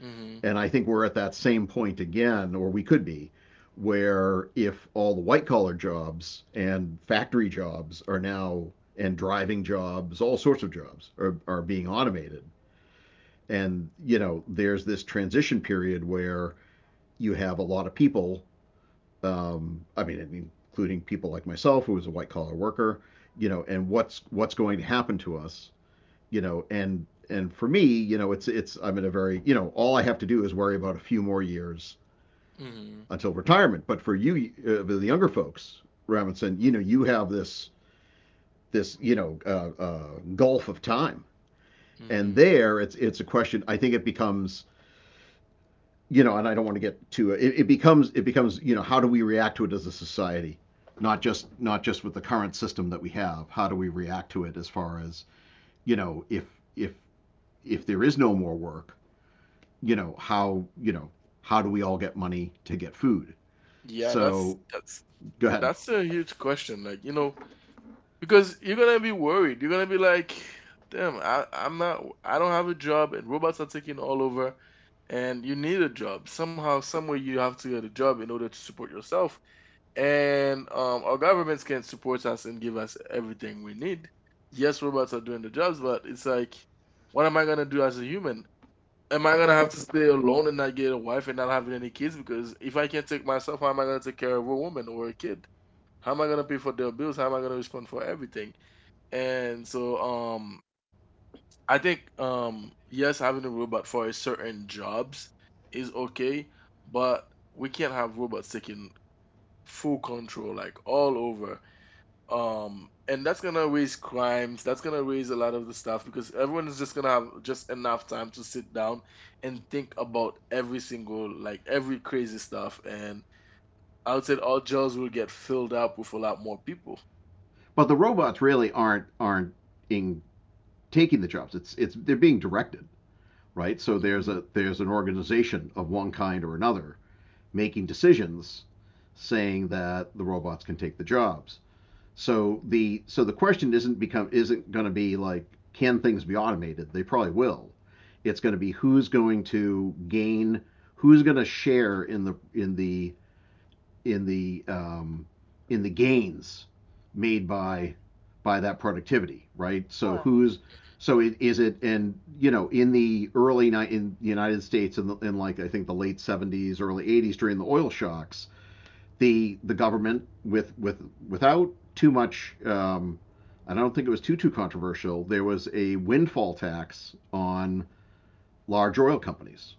Speaker 3: Hmm.
Speaker 2: And I think we're at that same point again, or we could be, where if all the white collar jobs and factory jobs are now, and driving jobs, all sorts of jobs are being automated. And, you know, there's this transition period where you have a lot of people, I mean, including people like myself, who was a white collar worker, you know, and what's, going to happen to us, you know, and, for me, you know, it's, I'm in a very, you know, all I have to do is worry about a few more years
Speaker 3: Hmm.
Speaker 2: until retirement. But for you, the younger folks, Robinson, you know, you have this you know gulf of time, and
Speaker 3: Hmm.
Speaker 2: there it's, a question. I think it becomes, you know, and I don't want to get too. It, becomes, it becomes you know, how do we react to it as a society, not just, not just with the current system that we have. How do we react to it as far as you know if if if there is no more work, you know how you know how do we all get money to get food?
Speaker 3: Yeah, that's
Speaker 2: So
Speaker 3: that's
Speaker 2: go ahead.
Speaker 3: that's a huge question. Like, you know, because you're gonna be worried. You're gonna be like, damn, I, I'm not I don't have a job and robots are taking all over, and you need a job. Somehow, somewhere, you have to get a job in order to support yourself. And our governments can support us and give us everything we need. Yes, robots are doing the jobs, but it's like, what am I gonna do as a human? Am I gonna have to stay alone and not get a wife and not having any kids? Because if I can't take myself, how am I gonna take care of a woman or a kid? How am I gonna pay for their bills? How am I gonna respond for everything? And so, I think, yes, having a robot for a certain jobs is okay, but we can't have robots taking full control, like, all over, and that's gonna raise crimes, that's gonna raise a lot of the stuff, because everyone is just gonna have just enough time to sit down and think about every single, like, every crazy stuff. And I would say all jails will get filled up with a lot more people.
Speaker 2: But the robots really aren't in, taking the jobs. It's they're being directed, right? So there's
Speaker 3: Hmm.
Speaker 2: a there's an organization of one kind or another making decisions, saying that the robots can take the jobs. So the question isn't going to be like, can things be automated? They probably will. It's going to be who's going to gain, who's going to share in in the um, the gains made
Speaker 1: Right.
Speaker 2: by that productivity, right? So
Speaker 1: Well,
Speaker 2: who's so it is it and in the early night in the United States in, the, in like I think the late 70s, early 80s during the oil shocks, the government without too much. I don't think it was too controversial. There was a windfall tax on large oil companies,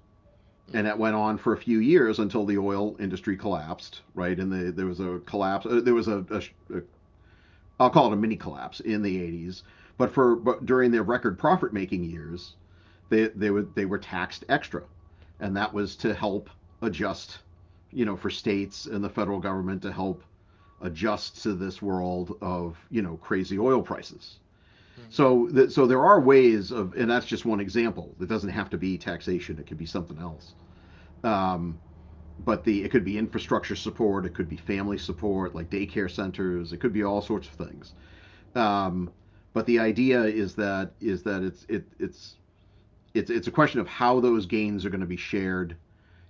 Speaker 2: and that
Speaker 3: Hmm.
Speaker 2: went on for a few years until the oil industry collapsed, right? There was a collapse. There was a a, I'll call it a mini collapse in the 80s. But during their record profit making years, they were taxed extra, and that was to help adjust, you know, for states and the federal government to help adjust to this world of you know crazy oil prices.
Speaker 3: Hmm.
Speaker 2: So there are ways of, and that's just one example. It doesn't have to be taxation. It could be something else. Um, but the it could be infrastructure support, it could be family support, like daycare centers, it could be all sorts of things. Um, but the idea is that it's it, it's a question of how those gains are going to be shared,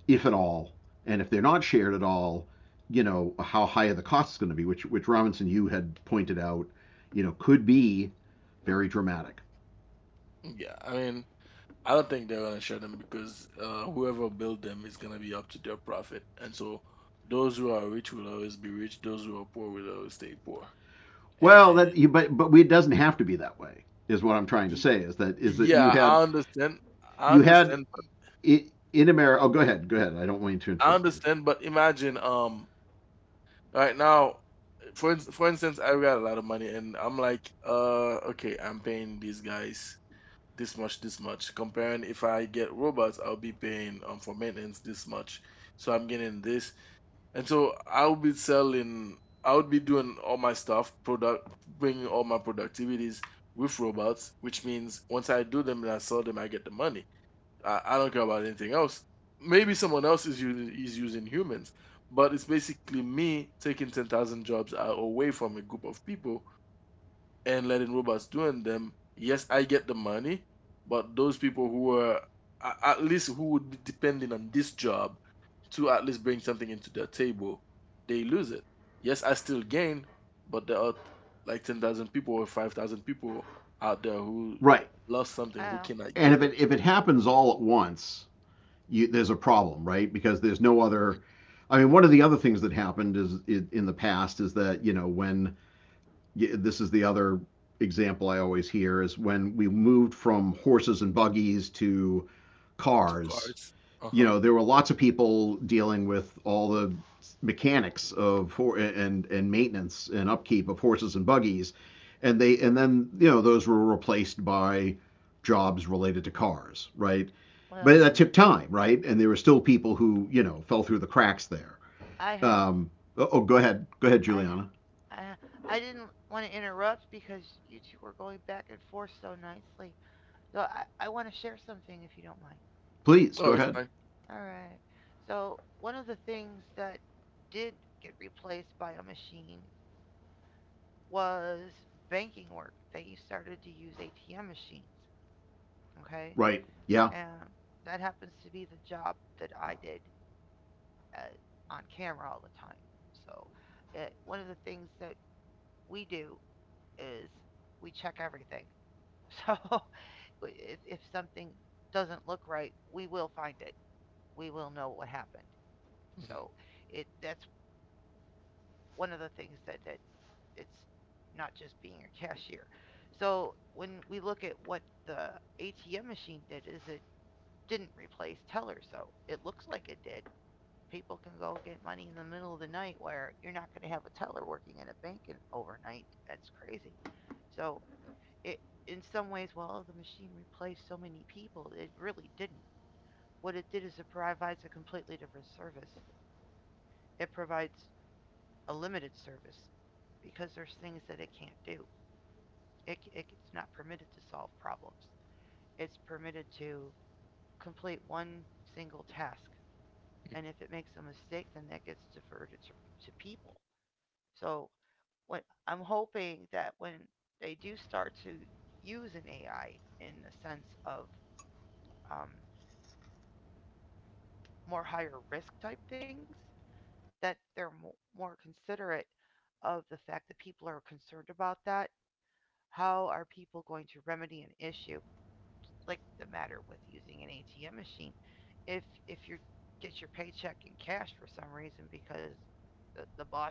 Speaker 2: if at all, and if they're not shared at all, you know how high are the costs going to be, which Robinson, you had pointed out, you know, could be very dramatic.
Speaker 3: Yeah, I mean, I don't think they're gonna shut them, because whoever built them is gonna be up to their profit. And so, those who are rich will always be rich, those who are poor will always stay poor,
Speaker 2: Well,
Speaker 3: and
Speaker 2: that you but it doesn't have to be that way is what I'm trying to say, is that you
Speaker 3: Yeah,
Speaker 2: had
Speaker 3: I understand. I
Speaker 2: you had
Speaker 3: understand. But
Speaker 2: i- in America. Oh, go ahead. Go ahead. I don't want to
Speaker 3: I
Speaker 2: interrupt you.
Speaker 3: understand. But imagine, right now, for instance, I've got a lot of money, and I'm like, okay, I'm paying these guys this much, this much. Comparing if I get robots, I'll be paying for maintenance this much. So I'm getting this, and so I'll be selling. I would be doing all my stuff, product, bringing all my productivities with robots, which means once I do them and I sell them, I get the money. I don't care about anything else. Maybe someone else is using humans, but it's basically me taking 10,000 jobs away from a group of people and letting robots doing them. Yes, I get the money, but those people who are, at least, who would be depending on this job to at least bring something into their table, they lose it. Yes, I still gain, but there are like 10,000 people or 5,000 people out there who
Speaker 2: Right.
Speaker 3: lost something, who
Speaker 1: I
Speaker 3: cannot
Speaker 2: And
Speaker 3: get it
Speaker 2: if it happens all at once, there's a problem, right? Because there's no other. I mean, one of the other things that happened is in the past is that you know when this is the other example I always hear is when we moved from horses and buggies to
Speaker 3: to
Speaker 2: cars.
Speaker 3: cars. Uh
Speaker 2: You
Speaker 3: huh.
Speaker 2: know, there were lots of people dealing with all the mechanics of and maintenance and upkeep of horses and buggies, and they
Speaker 3: Mhm,
Speaker 2: and then you know those were replaced by jobs related to cars, right? But
Speaker 1: well,
Speaker 2: that
Speaker 3: mhm.
Speaker 2: took time, right? And there were still people who you know fell through the cracks there.
Speaker 1: I have
Speaker 2: Um, oh, go ahead,
Speaker 1: I
Speaker 2: Juliana.
Speaker 1: I I didn't want to interrupt because you two were going back and forth so nicely. So I want to share something if you don't mind.
Speaker 2: Please
Speaker 3: Oh,
Speaker 2: go
Speaker 3: it's
Speaker 2: ahead.
Speaker 3: fine.
Speaker 1: All right. So one of the things that did get replaced by a machine was banking work. They started to use ATM machines. Okay,
Speaker 2: Right? Yeah.
Speaker 1: and that happens to be the job that I did uh, on camera all the time. So one of the things that we do is we check everything. So if something doesn't look right, we will find it. We will know what happened. So
Speaker 3: Mhm.
Speaker 1: it that's one of the things that that it's not just being a cashier. So when we look at what the ATM machine did, is it didn't replace teller. So it looks like it did. People can go get money in the middle of the night where you're not going to have a teller working in a bank in, overnight. That's crazy. So it in some ways, well, the machine replaced so many people. It really didn't. What it did is it provides a completely different service. It provides a limited service because there's things that it can't do. It's not permitted to solve problems. It's permitted to complete one single task. And if it makes a mistake, then that gets diverted to people. So what I'm hoping that when they do start to use an AI in the sense of um, more higher risk type things, that they're more considerate of the fact that people are concerned about that. How are people going to remedy an issue like the matter with using an ATM machine. If you get your paycheck in cash for some reason because the boss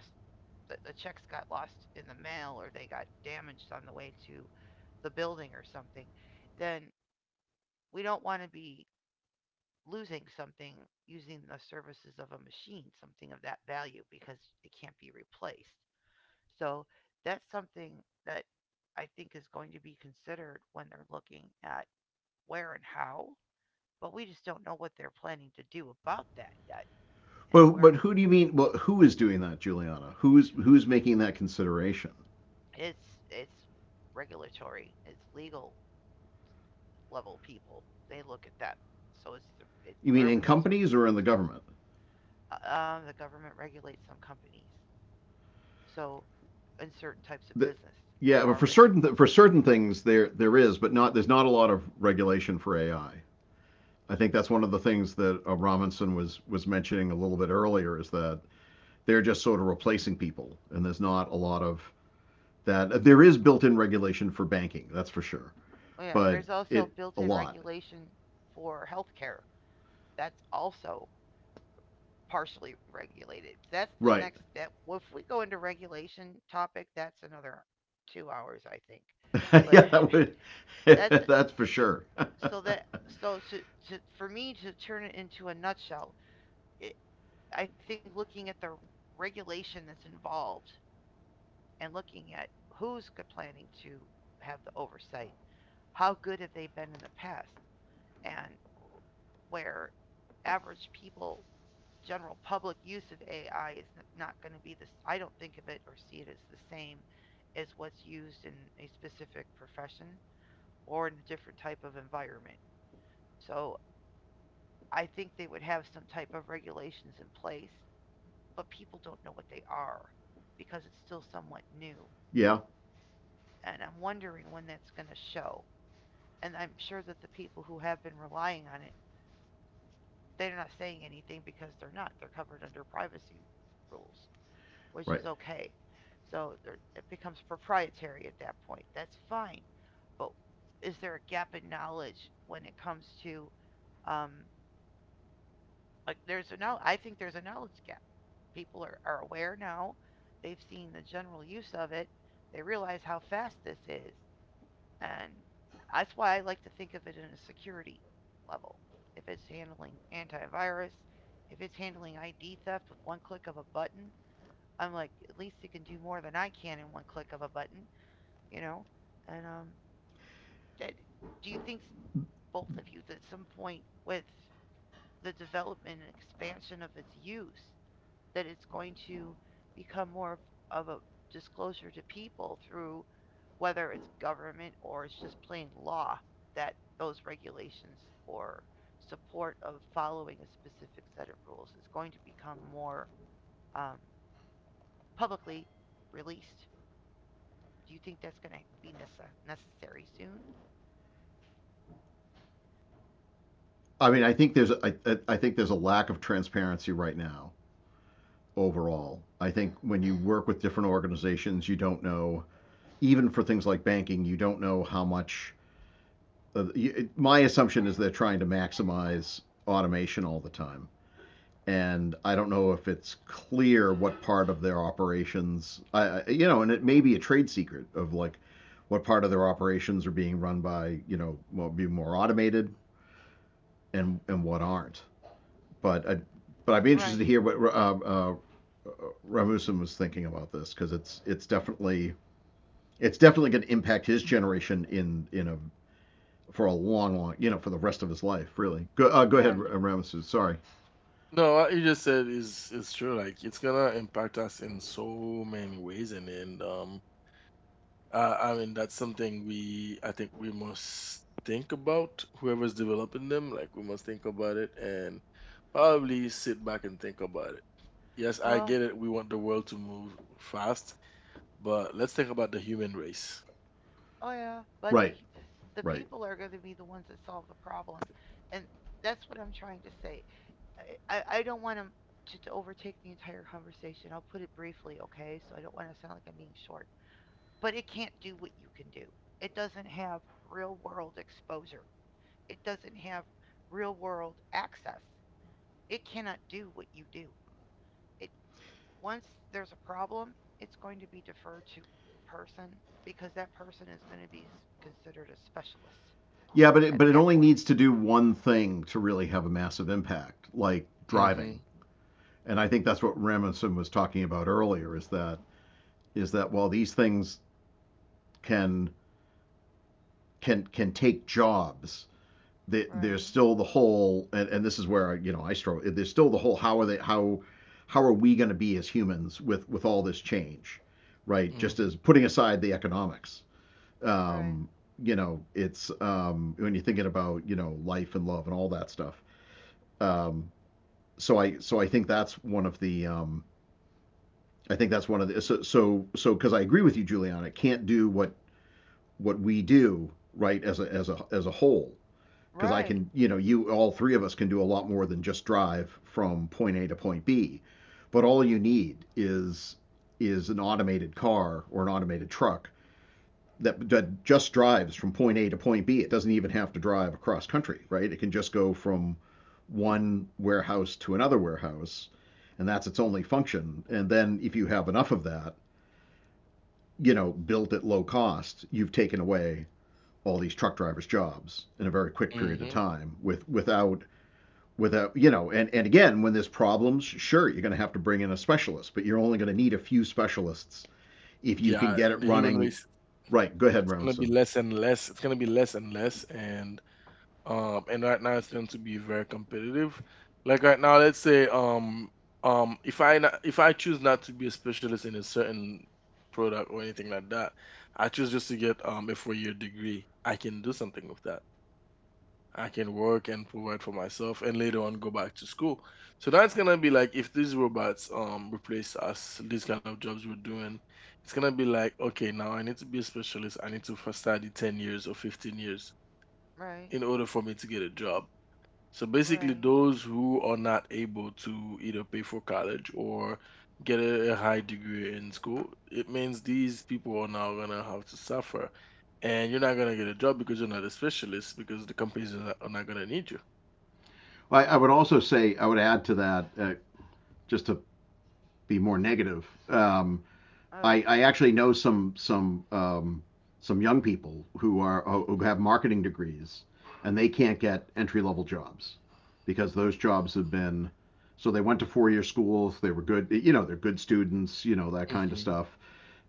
Speaker 1: the checks got lost in the mail or they got damaged on the way to the building or something, then we don't want to be losing something using the services of a machine, something of that value because it can't be replaced. So that's something that I think is going to be considered when they're looking at where and how but we just don't know what they're planning to do about that yet and
Speaker 2: But
Speaker 1: where we,
Speaker 2: who do you mean? Well, who is doing that, Juliana? Who's making that consideration?
Speaker 1: it's regulatory it's legal level people they look at that so it's
Speaker 2: You mean
Speaker 1: wherever
Speaker 2: in
Speaker 1: there's a
Speaker 2: companies or in the government?
Speaker 1: the government regulates some companies so in certain types of
Speaker 2: The,
Speaker 1: business there
Speaker 2: yeah, but
Speaker 1: are
Speaker 2: for
Speaker 1: regul
Speaker 2: certain th- for certain things there is, but not there's not a lot of regulation for AI. I think that's one of the things that Robinson was mentioning a little bit earlier, is that they're just sort of replacing people, and there's not a lot of that. There is built-in regulation for banking, that's for sure,
Speaker 1: yeah
Speaker 2: but
Speaker 1: there's also
Speaker 2: it a
Speaker 1: built-in
Speaker 2: lot,
Speaker 1: regulation for healthcare that's also partially regulated that's the next
Speaker 2: right?
Speaker 1: step well, if we go into regulation topic that's another 2 hours I think but
Speaker 2: yeah, that would,
Speaker 1: that's
Speaker 2: that's for sure.
Speaker 1: so that so to for me to turn it into a nutshell it, I think looking at the regulation that's involved and looking at who's planning to have the oversight how good have they been in the past and where average people general public use of AI is not going to be this I don't think of it or see it as the same as what's used in a specific profession or in a different type of environment so I think they would have some type of regulations in place, but people don't know what they are because it's still somewhat new.
Speaker 2: yeah,
Speaker 1: And I'm wondering when that's going to show. And I'm sure that the people who have been relying on it, they're not saying anything because they're not. They're covered under privacy rules, which is
Speaker 2: right.
Speaker 1: okay. So it becomes proprietary at that point. That's fine. But is there a gap in knowledge when it comes to um, like there's a now I think there's a knowledge gap. People are aware now. They've seen the general use of it. They realize how fast this is. And that's why I like to think of it in a security level. If it's handling antivirus, if it's handling ID theft with one click of a button, I'm like, at least it can do more than I can in one click of a button, you know? And that, do you think both of you that at some point with the development and expansion of its use, that it's going to become more of a disclosure to people through whether it's government or it's just plain law that those regulations or support of following a specific set of rules is going to become more um, publicly released. Do you think that's going to be necessary soon?
Speaker 2: I mean, I think there's I think there's a lack of transparency right now overall. I think when you work with different organizations, you don't know, even for things like banking, you don't know how much. Uh, you, my assumption is they're trying to maximize automation all the time. And I don't know if it's clear what part of their operations, you know, and it may be a trade secret of like what part of their operations are being run by, you know, what would be more automated and, what aren't. but I, but I'd be interested to
Speaker 1: Right.
Speaker 2: hear what Ramusim was thinking about this, because it's definitely going to impact his generation in a for a long you know for the rest of his life really. Go go ahead,
Speaker 1: Yeah.
Speaker 3: Ye-
Speaker 2: Ramusim. Sorry.
Speaker 3: No, what you just said is true. Like, it's gonna impact us in so many ways, and then I mean, that's something we I think we must think about. Whoever's developing them, like, we must think about it and probably sit back and think about it. Yes, I
Speaker 1: Well,
Speaker 3: get it. We want the world to move fast, but let's think about the human race.
Speaker 1: oh yeah. But
Speaker 2: Right.
Speaker 1: the
Speaker 2: Right.
Speaker 1: people are going to be the ones that solve the problem, and that's what I'm trying to say. I, I don't want to overtake the entire conversation. I'll put it briefly, okay? So I don't want to sound like I'm being short. But it can't do what you can do. It doesn't have real world exposure, it doesn't have real world access. It cannot do what you do. It once there's a problem, it's going to be deferred to a person because that person is going to be considered a specialist
Speaker 2: Yeah, but
Speaker 1: at
Speaker 2: it
Speaker 1: that
Speaker 2: only
Speaker 1: point.
Speaker 2: needs to do one thing to really have a massive impact, like
Speaker 3: Mm-hmm.
Speaker 2: driving. And I think that's what Ramusim was talking about earlier. Is that while these things can can take jobs,
Speaker 1: Right,
Speaker 2: there's still the whole, and this is where you know I struggle. There's still the whole, how are they how are we going to be as humans with all this change, right? Just
Speaker 3: Mm-hmm.
Speaker 2: as putting aside the economics,
Speaker 1: right,
Speaker 2: um, you know, it's when you're thinking about you know life and love and all that stuff. Um, so I think that's one of the I think that's one of the because I agree with you, Juliana. It can't do what we do, right, as a whole, because I
Speaker 1: right,
Speaker 2: can, you know, you all three of us can do a lot more than just drive from point A to point B. But all you need is an automated car or an automated truck that, just drives from point A to point B. It doesn't even have to drive across country, right? It can just go from one warehouse to another warehouse, and that's its only function. And then if you have enough of that, you know, built at low cost, you've taken away all these truck drivers' jobs in a very quick period of
Speaker 3: Mm-hmm.
Speaker 2: time without with a you know, and again, when there's problems, sure, you're going to have to bring in a specialist, but you're only going to need a few specialists if you can
Speaker 3: Yeah,
Speaker 2: get it
Speaker 3: the human
Speaker 2: running
Speaker 3: race
Speaker 2: right. Go ahead,
Speaker 3: gonna be
Speaker 2: Robinson.
Speaker 3: less and less. It's gonna be less and less, and right now it's going to be very competitive. Like right now, let's say, if I choose not to be a specialist in a certain product or anything like that, I choose just to get a 4-year degree. I can do something with that. I can work and provide for myself and later on go back to school. So that's gonna be like, if these robots replace us, these kind of jobs we're doing, it's gonna be like, okay, now I need to be a specialist. I need to first study 10 years or 15 years
Speaker 1: right,
Speaker 3: in order for me to get a job. So basically,
Speaker 1: right.
Speaker 3: those who are not able to either pay for college or get a high degree in school, it means these people are now gonna have to suffer. And you're not gonna get a job because you're not a specialist, because the companies are not gonna need you.
Speaker 1: I
Speaker 2: I would also
Speaker 1: understand.
Speaker 2: say I would add to that just to be more negative.
Speaker 1: Oh,
Speaker 2: I actually know some some young people who are who have marketing degrees and they can't get entry level jobs because those jobs have been, so they went to 4 year schools, they were good, you know, they're good students, you know, that kind of
Speaker 3: Mhm,
Speaker 2: stuff,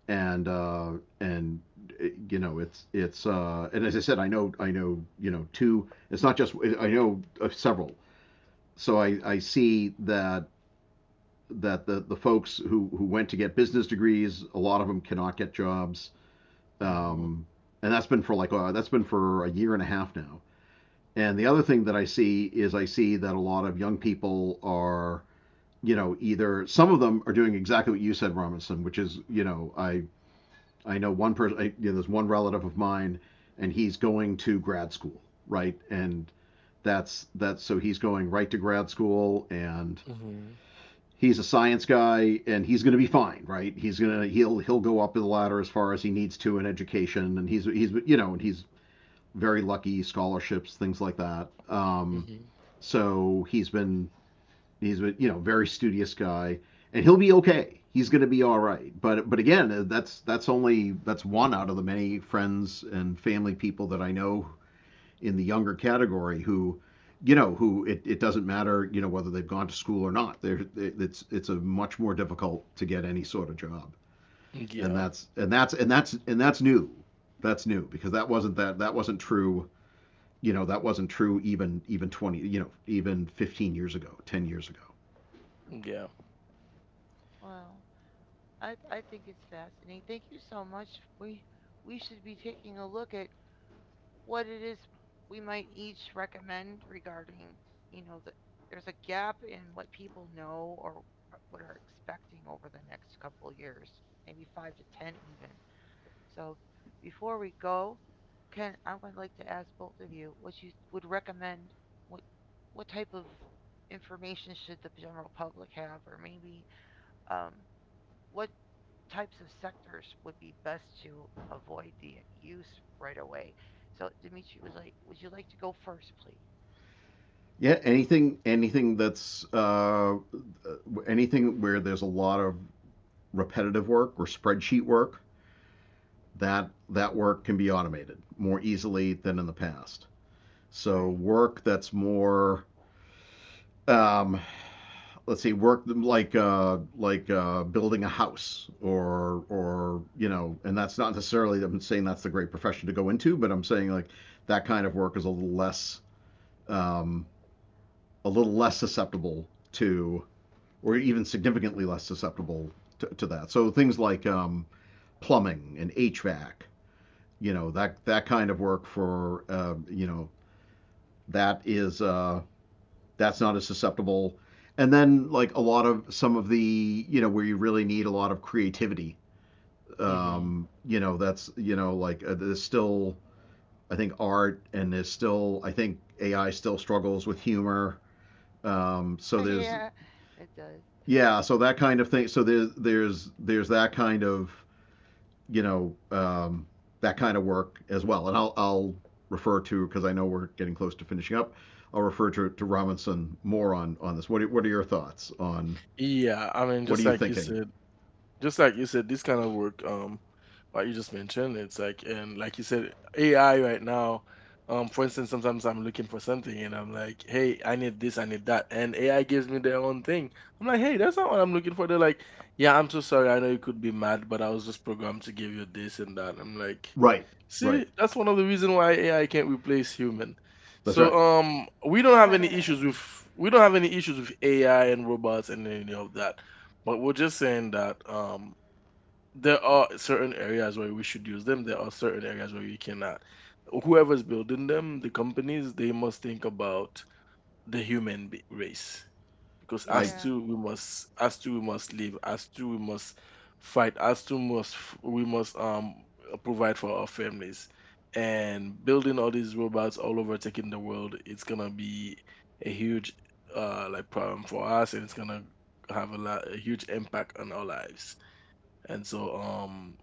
Speaker 2: and uh, and you know, it's and as I said, I know you know two. It's not just I know several. So I see that the folks who went to get business degrees, a lot of them cannot get jobs.
Speaker 3: mhm,
Speaker 2: Um, and that's been for like that's been for a year and a half now. And the other thing that I see is I see that a lot of young people are, you know, either some of them are doing exactly what you said, Robinson, which is, you know, I know one person. You know, there's one relative of mine, and he's going to grad school, right? And that's so he's going right to grad school, and
Speaker 3: mhm,
Speaker 2: he's a science guy, and he's going to be fine, right? He'll go up the ladder as far as he needs to in education, and he's you know, and he's very lucky, scholarships, things like that.
Speaker 3: mhm.
Speaker 2: So he's been, he's a you know very studious guy, and he'll be okay. He's going to be all right. But again, that's only that's one out of the many friends and family people that I know in the younger category who you know who it doesn't matter you know whether they've gone to school or not it's a much more difficult to get any sort of job, and
Speaker 3: Yeah,
Speaker 2: that's new. That's new, because that wasn't true, you know, that wasn't true even 20, you know, even 15 years ago, 10 years ago.
Speaker 3: yeah,
Speaker 1: wow. I think it's fascinating. Thank you so much. We we should be taking a look at what it is we might each recommend regarding, you know, the, there's a gap in what people know or what are expecting over the next couple of years, maybe 5 to 10 even. So before we go, Ken, I would like to ask both of you what you would recommend what what type of information should the general public have or maybe um what types of sectors would be best to avoid the use right away. So Dimitri was like, "Would you like to go first, please?"
Speaker 2: Yeah, anything that's anything where there's a lot of repetitive work or spreadsheet work, that that work can be automated more easily than in the past. So
Speaker 1: Right.
Speaker 2: work that's more um, let's see, work like building a house, or you know, and that's not necessarily, I'm saying that's the great profession to go into, but I'm saying like that kind of work is um, a little less susceptible to, or even significantly less susceptible to, that. So things like plumbing and HVAC, you know, that that kind of work for you know, that is that's not as susceptible. And then like a lot of some of the you know where you really need a lot of creativity,
Speaker 3: mhm,
Speaker 2: you know, that's you know like there's still, I think, art, and there's still, I think, AI still struggles with humor. So there's,
Speaker 1: Yeah, it does.
Speaker 2: yeah, so that kind of thing. So there's that kind of you know, that kind of work as well. And I'll refer to, because I know we're getting close to finishing up, I'll refer to Robinson more on, this. What are your thoughts on,
Speaker 3: yeah. I mean,
Speaker 2: what are
Speaker 3: just
Speaker 2: you
Speaker 3: like you
Speaker 2: thinking?
Speaker 3: said, this kind of work, what you just mentioned, it's like, and like you said, AI right now. For instance, sometimes I'm looking for something and I'm like, hey, I need this, I need that, and AI gives me their own thing. I'm like, hey, that's not what I'm looking for. They're like, yeah, I'm so sorry. I know you could be mad, but I was just programmed to give you this and that. I'm like.
Speaker 2: Right, right.
Speaker 3: See, that's one of the reason why AI can't replace human.
Speaker 2: That's
Speaker 3: So
Speaker 2: right.
Speaker 3: we don't have any issues with AI and robots and any of that. But we're just saying that there are certain areas where we should use them, there are certain areas where we cannot. Whoever's building them, the companies, they must think about the human race, because
Speaker 2: I
Speaker 3: as
Speaker 1: Yeah,
Speaker 3: two we must, as two we must live, as two we must fight, as two must f- we must provide for our families. And building all these robots all over taking the world, it's gonna be a huge, like, problem for us, and it's gonna have a huge impact on our lives. And so,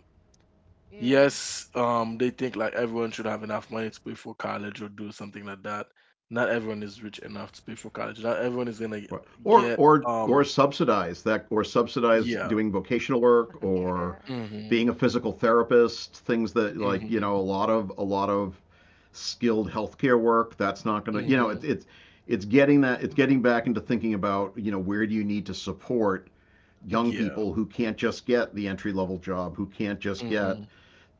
Speaker 1: yeah,
Speaker 3: yes, they think like everyone should have enough money to pay for college or do something like that. Not everyone is rich enough to pay for college,
Speaker 2: Right.
Speaker 3: not everyone is
Speaker 2: Or
Speaker 3: gonna get um
Speaker 2: subsidize that, or subsidize doing
Speaker 3: yeah.
Speaker 2: vocational work, or
Speaker 1: yeah.
Speaker 2: being
Speaker 3: Mhm.
Speaker 2: a physical therapist, things that like, you
Speaker 3: Mhm.
Speaker 2: know, a lot of skilled healthcare work, that's not going to, you know, it's
Speaker 3: Mhm.
Speaker 2: it's getting that, it's getting back into thinking about, you know, where do you need to support young
Speaker 3: Yeah.
Speaker 2: people who can't just get the entry level job, who can't just get
Speaker 3: Mhm.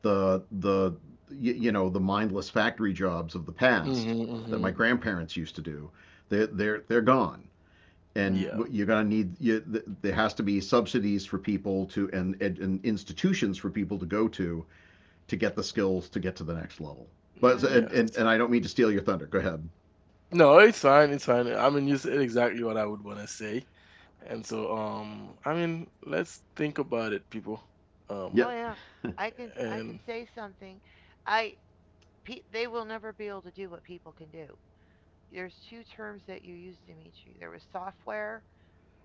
Speaker 2: the you know the mindless factory jobs of the past
Speaker 3: Mhm.
Speaker 2: that my
Speaker 3: Mhm.
Speaker 2: grandparents used to do. They're gone, and
Speaker 3: Yeah.
Speaker 1: Right.
Speaker 2: you're gonna need there has to be subsidies for people to, and, and institutions for people to go to get the skills to get to the next level. But
Speaker 3: Mm,
Speaker 1: Oh,
Speaker 3: yes.
Speaker 2: and I don't mean to steal your thunder. Go ahead.
Speaker 3: No, it's fine. It's fine. I mean, you said exactly what I would want to say. And so, I mean, let's think about it, people.
Speaker 1: oh
Speaker 2: Yep.
Speaker 3: Um,
Speaker 1: yeah. I can
Speaker 3: and
Speaker 1: say something. I they will never be able to do what people can do. There's two terms that you used, Dimitri. There was software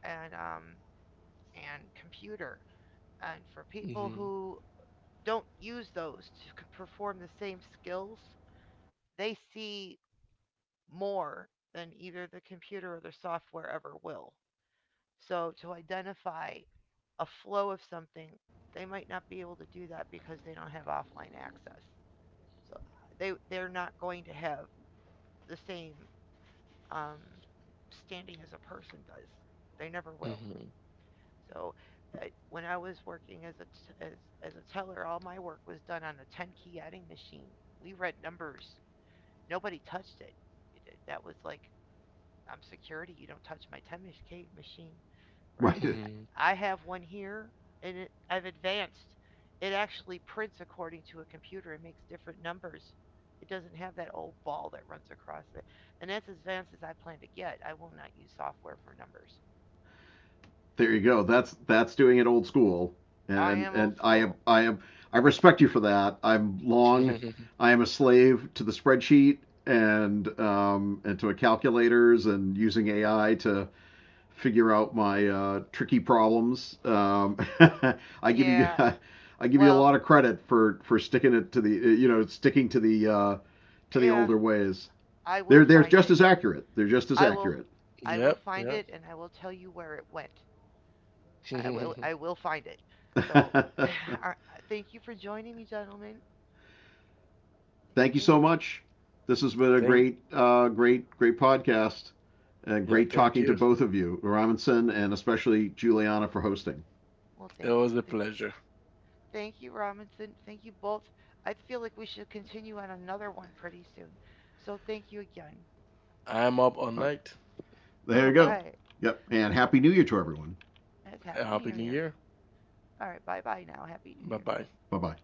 Speaker 1: and um and computer. And for people
Speaker 3: mhm.
Speaker 1: who don't use those to perform the same skills, they see more than either the computer or the software ever will.
Speaker 2: sure.
Speaker 1: So to identify a flow of something, they might not be able to do that because they don't have offline access. So they're not going to have the same um, standing as a person does. They never will.
Speaker 3: Mhm.
Speaker 1: So when I was working as a as a teller, all my work was done on a 10-key adding machine. We read numbers. Nobody touched it. That was like, I'm security. You don't touch my 10-key k machine, right?
Speaker 2: Right.
Speaker 3: Mhm.
Speaker 1: I have one here, and it, I've advanced. It actually prints according to a computer. It makes different numbers. It doesn't have that old ball that runs across it. And that's as advanced as I plan to get. I will not use software for numbers.
Speaker 2: There you go. That's doing it old school,
Speaker 1: I
Speaker 2: and
Speaker 1: am old
Speaker 2: and, I am
Speaker 1: school.
Speaker 2: I respect you for that. I'm long. I am a slave to the spreadsheet and to calculators and using AI to figure out my tricky problems. I give you
Speaker 1: Yeah.
Speaker 2: I give you a
Speaker 1: Well,
Speaker 2: lot of credit for sticking it to the you know sticking to the
Speaker 1: yeah.
Speaker 2: older ways.
Speaker 1: I will
Speaker 2: They're
Speaker 1: find
Speaker 2: just
Speaker 1: it.
Speaker 2: as accurate. They're just as
Speaker 1: I
Speaker 2: accurate.
Speaker 1: will. I will
Speaker 3: Yep.
Speaker 1: find
Speaker 3: Yep.
Speaker 1: it, and I will tell you where it went. I will find it. So thank you for joining me, gentlemen.
Speaker 2: thank you so
Speaker 1: Thank you.
Speaker 2: much. This has been a
Speaker 3: Thank.
Speaker 2: great, great podcast, and
Speaker 3: Yeah.
Speaker 2: great
Speaker 3: Thank
Speaker 2: talking to
Speaker 3: you.
Speaker 2: both of you, Robinson, and especially Juliana, for hosting.
Speaker 1: Well,
Speaker 3: It
Speaker 1: thank
Speaker 3: was a
Speaker 1: you.
Speaker 3: pleasure.
Speaker 1: Thank you, Robinson. Thank you both. I feel like we should continue on another one pretty soon. So thank you again.
Speaker 3: I'm up all
Speaker 2: All right,
Speaker 3: night.
Speaker 2: there
Speaker 1: All
Speaker 2: you go.
Speaker 1: right.
Speaker 2: Yep, and
Speaker 1: All
Speaker 2: happy
Speaker 1: right.
Speaker 2: New Year to everyone.
Speaker 1: That's Happy
Speaker 3: Happy
Speaker 1: New
Speaker 3: New
Speaker 1: Year.
Speaker 3: Year.
Speaker 1: All right. Bye bye now. Happy New
Speaker 3: Bye
Speaker 1: Year.
Speaker 3: bye.
Speaker 2: Bye bye.